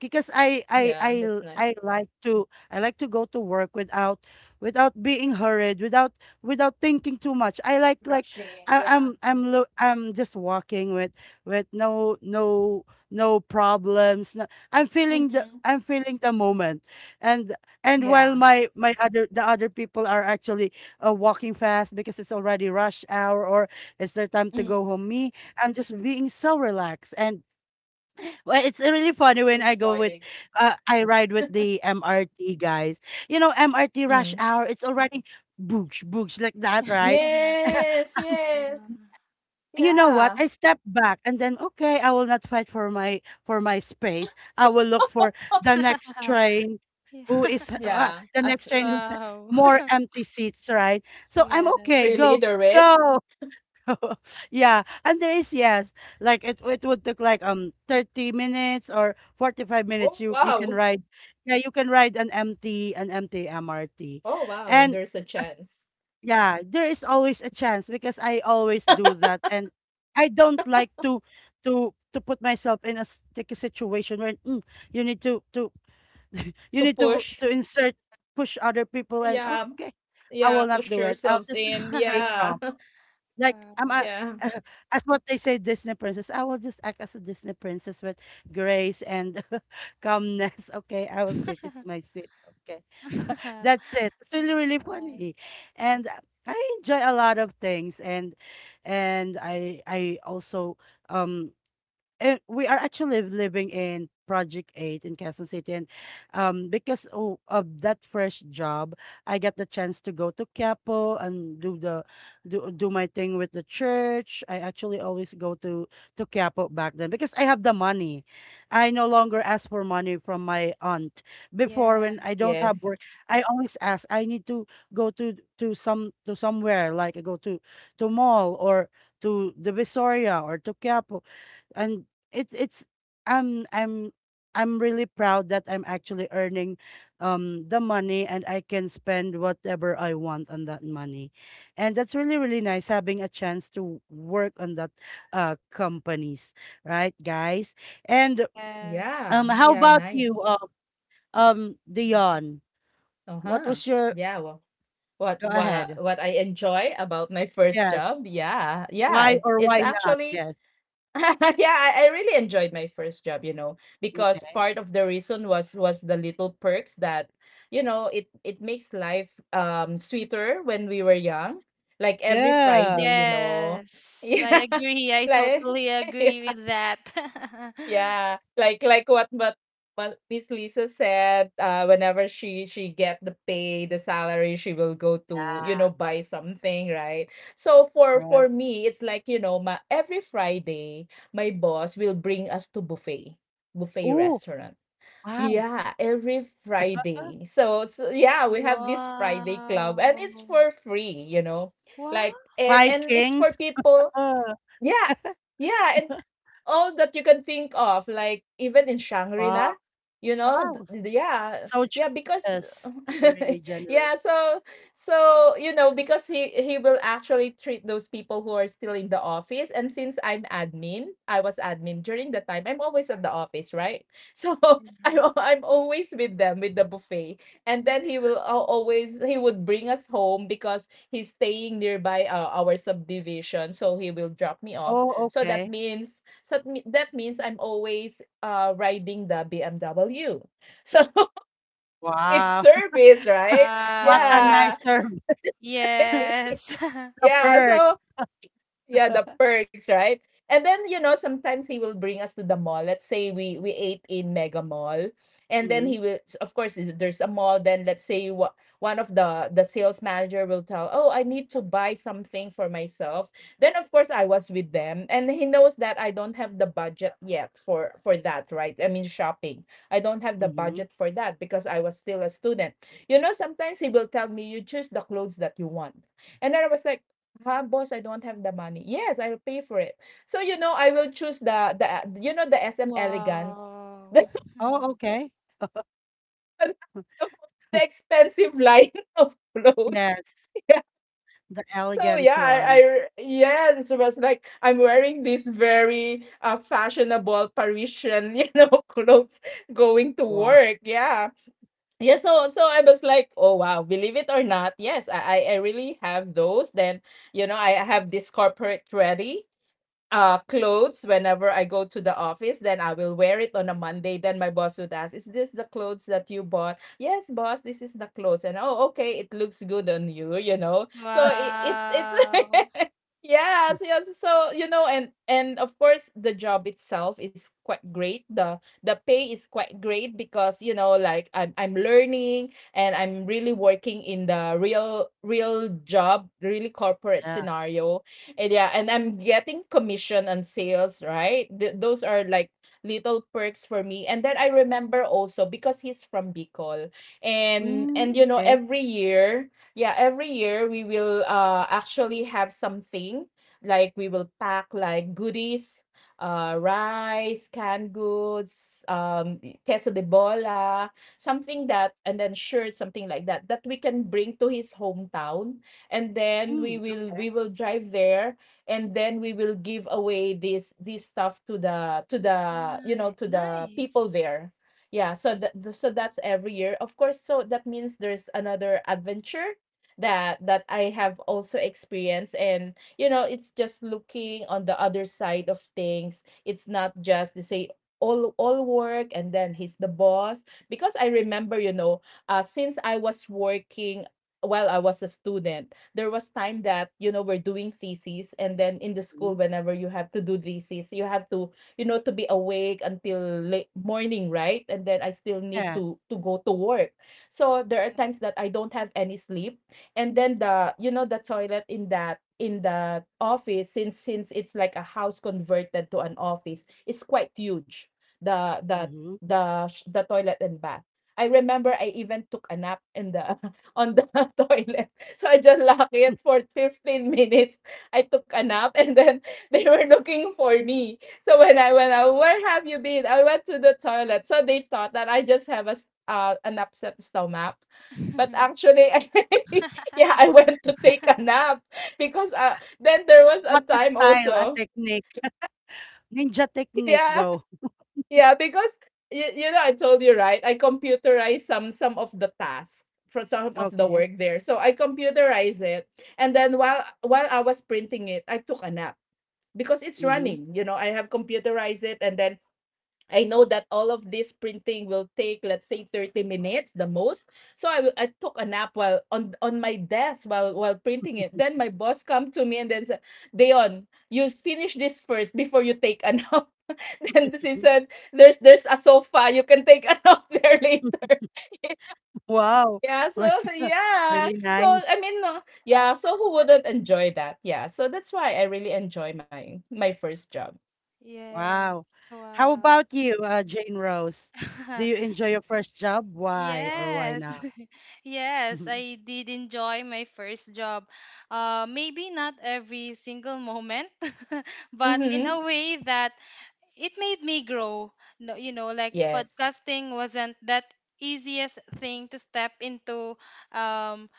because I I
Yeah, that's
I
nice.
I like to I like to go to work without without being hurried, without without thinking too much. I like like
Rushing,
I,
yeah.
I'm I'm lo- I'm just walking with with no no no problems. No, I'm feeling the
Mhm.
I'm feeling the moment, and and while
Yeah.
my my other the other people are actually uh, walking fast because it's already rush hour, or it's their time to go home.
Mhm.
Me, I'm just being so relaxed. And well, it's really funny when I
Enjoy
go
it.
with, uh, I ride with the M R T guys. You know, M R T rush
Mm.
hour, it's already boosh, boosh like that, right?
Yeah. (laughs) Yeah. (laughs)
(laughs)
Yes, yes.
You know what?
Yeah.
I step back, and then, okay, I will not fight for my for my space. I will look for the next train,
Wow.
who is
(laughs)
uh,
Yeah.
the
As
next train who's more empty seats, right? So I'm okay.
Yes.
really
Go,
the risk?
go. (laughs) Yeah, and there is yes, like it it would take like um thirty minutes or forty five minutes.
Oh,
You you can
wow.
ride, yeah, you can ride an M T an M T M R T,
Oh, wow.
and
There's a
uh,
chance
yeah, there is always a chance because I always do that, and I don't like to to to put myself in a sticky situation where mm, you need to to (laughs) you
to
need to
push.
to insert push other people and
Yeah.
okay, I
Yeah,
will not
push
do it. I'll
yourselves
just
in.
take
(laughs)
Yeah.
um
(laughs)
like I'm a,
Wow.
Yeah.
(laughs) as what they say, Disney princess. I will just act as a Disney princess with grace and (laughs) calmness. Okay, I will sit. It's my seat. Okay, (laughs) that's
(laughs)
it. It's really really funny, and uh, I enjoy a lot of things, and and I I also um uh, we are actually living in Project eight in Quezon City and um because o- of that fresh job I got the chance to go to Quiapo and do the do, do my thing with the church. I actually always go to to Quiapo back then because I have the money. I no longer ask for money from my aunt. Before,
Yeah.
when I don't have
Yes.
work, I always ask. I need to go to to some to somewhere, like I go to to mall or to the Visoria or to Quiapo. And it's it's um i'm i'm really proud that I'm actually earning um the money, and I can spend whatever I want on that money. And that's really really nice having a chance to work on that uh companies, right guys? And
Yes.
um
Yeah.
how
Yeah,
about
nice.
you, um um Dion? What
Uh-huh.
was your,
Yeah, well, What
go
wa
ahead.
what I enjoy about my first
Yes,
job? Yeah, yeah,
why
it's
or
it's
why not?
actually
Yes.
(laughs) yeah, I I really enjoyed my first job, you know, because
Okay.
part of the reason was was the little perks that, you know, it it makes life um sweeter when we were young. Like every
Yeah.
Friday, you know. (laughs)
Yes. I
Yeah.
agree. I
Like
totally
(laughs)
agree with that. (laughs)
yeah, like like what but what Miss Lisa said, uh, whenever she she get the pay, the salary, she will go to, you
Yeah.
know, buy something, right? So
All
for for
right.
me, it's like, you know, my every Friday, my boss will bring us to buffet, buffet
Oh,
restaurant.
wow.
Yeah, every Friday. So, so yeah, we have this Friday club, and it's
Wow.
for free, you know,
What?
like and and it's for
Vikings.
people.
Oh.
Yeah. Yeah, and all that you can think of, like even in Shangri-La,
Wow,
you know, th-
wow.
th- yeah,
So
yeah, because
generous. Really,
(laughs)
really generous.
yeah, so so you know, because he he will actually treat those people who are still in the office, and since I'm admin, I was admin during the time. I'm always at the office, right? (laughs) So I'm al- I'm always with them with the buffet, and then he will al- always he would bring us home because he's staying nearby uh, our subdivision, so he will drop me off,
Oh,
so that
okay.
means, so that me- that means I'm always uh riding the BMW. So (laughs) it's
Wow.
service,
(laughs)
right?
What a
Wow.
Yeah,
nice term. (laughs) The
Yes. (laughs)
(laughs) yeah,
perk.
so yeah, the
(laughs)
perks, right? And then, you know, sometimes he will bring us to the mall. Let's say we we ate in Mega Mall. And then
Mm-hmm.
he will of course i- there's a mall, then let's say wha- one of the the sales manager will tell, "Oh, I need to buy something for myself." Then of course I was with them and he knows that I don't have the budget yet for for that, right? I mean shopping. I don't have the
Hmm.
budget for that because I was still a student. You know, sometimes he will tell me, "You choose the clothes that you want." And then I was like, "Huh, boss, I don't have the money." "Yes, I'll pay for it." So, you know, I will choose the the uh, you know, the S M Elegance, (laughs)
Wow.
the
Oh,
Mhm.
okay.
the
(laughs)
expensive line of clothes. (laughs)
Yes.
Yeah.
The
So yeah,
elegance
I
one.
I yeah, this was like I'm wearing this very uh, fashionable Parisian, (laughs) you know, clothes going to
Wow.
work. Yeah. Yeah, so so I was like, oh wow, believe it or not, yes, I I I really have those. Then you know, I have this corporate ready uh clothes whenever I go to the office. Then I will wear it on a Monday. Then my boss would ask, "Is this the clothes that you bought?" "Yes, boss, this is the clothes." And, oh, okay, it looks good on you, you know. So it, it it's
Wow.
(laughs) yeah, so, yeah, so so, you know, and and of course the job itself is quite great. The the pay is quite great because you know, like I'm I'm learning and I'm really working in the real real job, really corporate
Yeah.
scenario, and yeah, and I'm getting commission on sales, right? Th- those are like little perks for me. And then I remember also because he's from Bicol, and
Mm,
and you know
okay.
every year, yeah, every year we will uh actually have something like we will pack like goodies. Uh, rice, canned goods, um, queso de bola, something that, and then shirts, something like that, that we can bring to his hometown, and then
Mm,
we will
okay.
we will drive there, and then we will give away this this stuff to the to the you know,
Ni-
to the people
Nice.
there. Yeah, so that, so that's every year, of course, so that means there's another adventure that that I have also experienced, and you know, it's just looking on the other side of things. It's not just, they say, all all work, and then he's the boss. Because I remember, you know, uh, since I was working while I was a student, there was time that, you know, we're doing theses, and then in the
Hmm.
school, whenever you have to do theses, you have to, you know, to be awake until late morning, right? And then I still need
Yeah.
to to go to work. So there are
Yes.
times that I don't have any sleep, and then the you know the toilet in that, in the office, since since it's like a house converted to an office, it's quite huge, the the
Mm-hmm.
the sh- the toilet and bath. I remember I even took a nap in the (laughs) on the (laughs) toilet. So I just locked it for fifteen minutes. I took a nap, and then (laughs) they were looking for me. So when I went out, where have you been? I went to the toilet. So they thought that I just have a s- uh, an upset stomach. But
(laughs)
actually, (laughs) I, yeah, I went to take a nap because uh, then there was a
What a
time
style, a
also.
technique. (laughs) Ninja technique.
Yeah,
Go.
yeah, because you, you know I told you, right? I computerize some some of the tasks for some of the
Okay.
work there. So I computerize it, and then while while I was printing it, I took a nap because it's
Mm-hmm.
running. You know, I have computerized it, and then I know that all of this printing will take, let's say, thirty minutes the most. So I, will- I took a nap while on, on my desk while while printing it. Then my boss come to me and then said, "Deon, you finish this first before you take a nap." (laughs) Then she
(laughs)
said, "There's there's a sofa, you can take a nap (laughs) there later."
Wow.
Yeah, so (laughs)
(laughs)
yeah.
Really
So
nice.
I mean, no, yeah, so who wouldn't enjoy that? Yeah. So that's why I really enjoy my my first job.
Yes.
Wow. How
Wow.
about you, uh, Jane Rose? Do you
(laughs)
enjoy your first job? Why or why
Yes.
not?
(laughs) Yes, I
(laughs)
did enjoy my first job. Uh, maybe not every single moment, (laughs) but in
Mm-hmm.
a way that it made me grow. No, you know, like
Yes.
podcasting wasn't that easiest thing to step into. Um,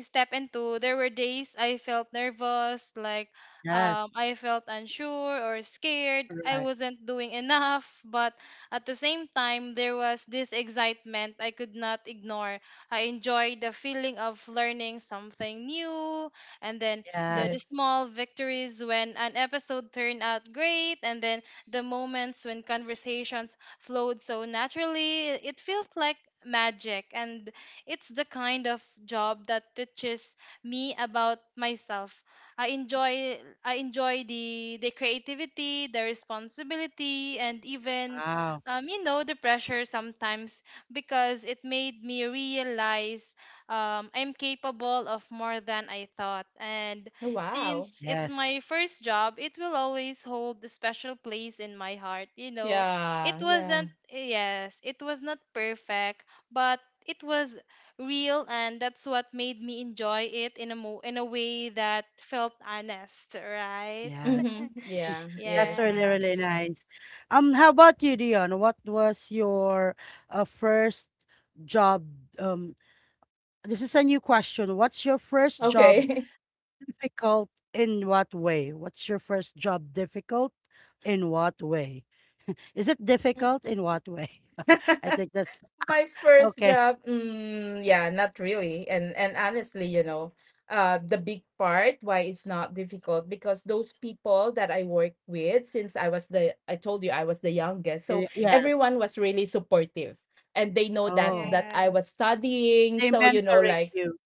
step into. There were days I felt nervous, like
Yes,
um, I felt unsure or scared. I
correct.
wasn't doing enough, but at the same time, there was this excitement I could not ignore. I enjoyed the feeling of learning something new, and then the,
Yes.
the
Yes.
small victories when an episode turned out great, and then the moments when conversations flowed so naturally, it felt like magic. And it's the kind of job that teaches me about myself. I enjoy I enjoy the the creativity, the responsibility, and even
Wow.
um, you know the pressure sometimes because it made me realize um, I'm capable of more than I thought. And
Oh, wow.
since it's
Yes.
my first job, it will always hold a special place in my heart. You know,
Yeah,
it
yeah.
wasn't, yes, it was not perfect, but it was real, and that's what made me enjoy it in a mo in a way that felt honest, right?
Yes.
Mm-hmm. Yeah,
That's
yes.
really,
Yes,
really nice. Um, how about you, Dion? What was your uh, first job? Um, this is a new question. What's your first job
Okay.
difficult in what way? What's your first job difficult in what way? (laughs) Is it difficult in what way? (laughs) I think that's
(laughs) My first
okay.
job, mm, yeah, not really. And and honestly, you know, uh, the big part why it's not difficult because those people that I work with, since I was the, I told you I was the youngest, so
Y yes.
everyone was really supportive, and they know that
Oh,
that I was
yes,
studying.
they
So you know,
mentoring
like
you.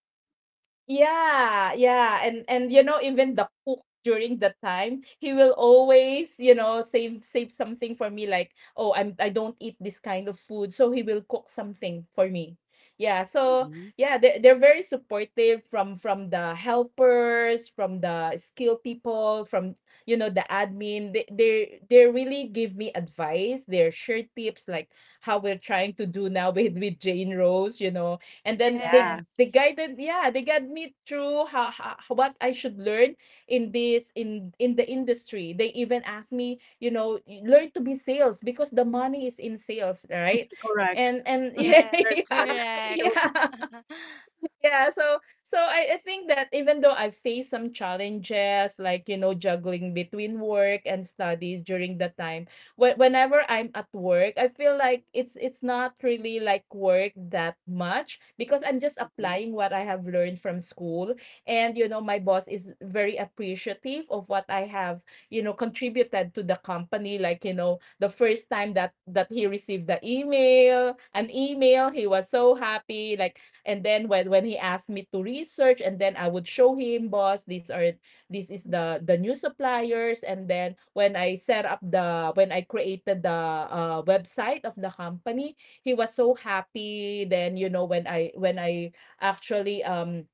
yeah, yeah, and and you know even the cook during the time he will always, you know, save save something for me like, oh I'm, I don't eat this kind of food, so he will cook something for me. Yeah, so
Mhm.
yeah, they're they're very supportive, from from the helpers, from the skilled people, from you know the admin. They they they really give me advice. They share tips like how we're trying to do now (laughs) with with Jane Rose. You know, and then they
Yeah,
they
yes,
guided, yeah, they guide me through how, how what I should learn in this in in the industry. They even asked me, you know, learn to be sales because the money is in sales, right?
correct.
And and (laughs)
(laughs)
yes,
There's
yeah,
money
yeah,
still.
correct.
yeah.
(laughs)
Yeah, so so I, I think that even though I've faced some challenges like, you know, juggling between work and studies during the time, when, whenever I'm at work I feel like it's it's not really like work that much because I'm just
Mhm.
applying what I have learned from school, and you know my boss is very appreciative of what I have, you know, contributed to the company. Like you know the first time that that he received the email, an email, he was so happy like, and then when when he asked me to research, and then I would show him, boss, these are, this is the the new suppliers, and then when I set up the, when I created the uh, website of the company, he was so happy. Then you know when I when I actually um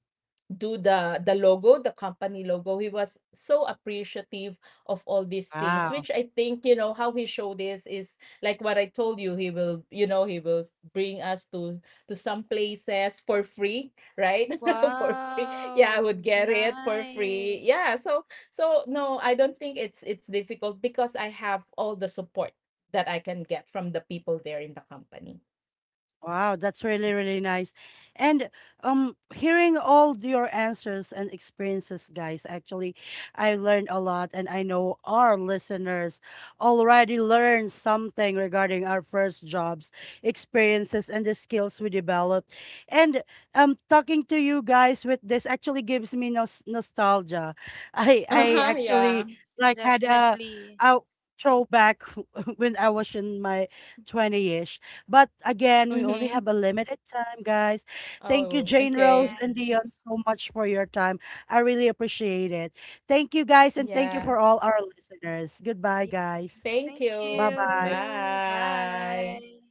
do the the logo, the company logo, he was so appreciative of all these things,
Wow.
which I think, you know, how he showed this is like what I told you, he will, you know, he will bring us to to some places for free, right? (laughs) For free. Yeah, I
Wow,
would get it for free. Yeah.
nice.
So so no, I don't think it's it's difficult because I have all the support that I can get from the people there in the company.
Wow, that's really, really nice. And um hearing all your answers and experiences, guys, actually I learned a lot, and I know our listeners already learned something regarding our first jobs, experiences, and the skills we developed. And um talking to you guys with this actually gives me nos- nostalgia. I
Yes,
I
Uh-huh, yeah.
actually like had a
definitely.
a throwback (laughs) when I was in my twentyish. But again, we
Mm-hmm.
only have a limited time, guys. Thank
Oh,
you, Jane
okay.
Rose and
Yes,
Dion, so much for your time. I really appreciate it. Thank you, guys, and thank you
Yeah.
for all our listeners. Goodbye,
yes.
guys.
Thank
Thank
you.
Bye bye.
you.
Bye.
Bye.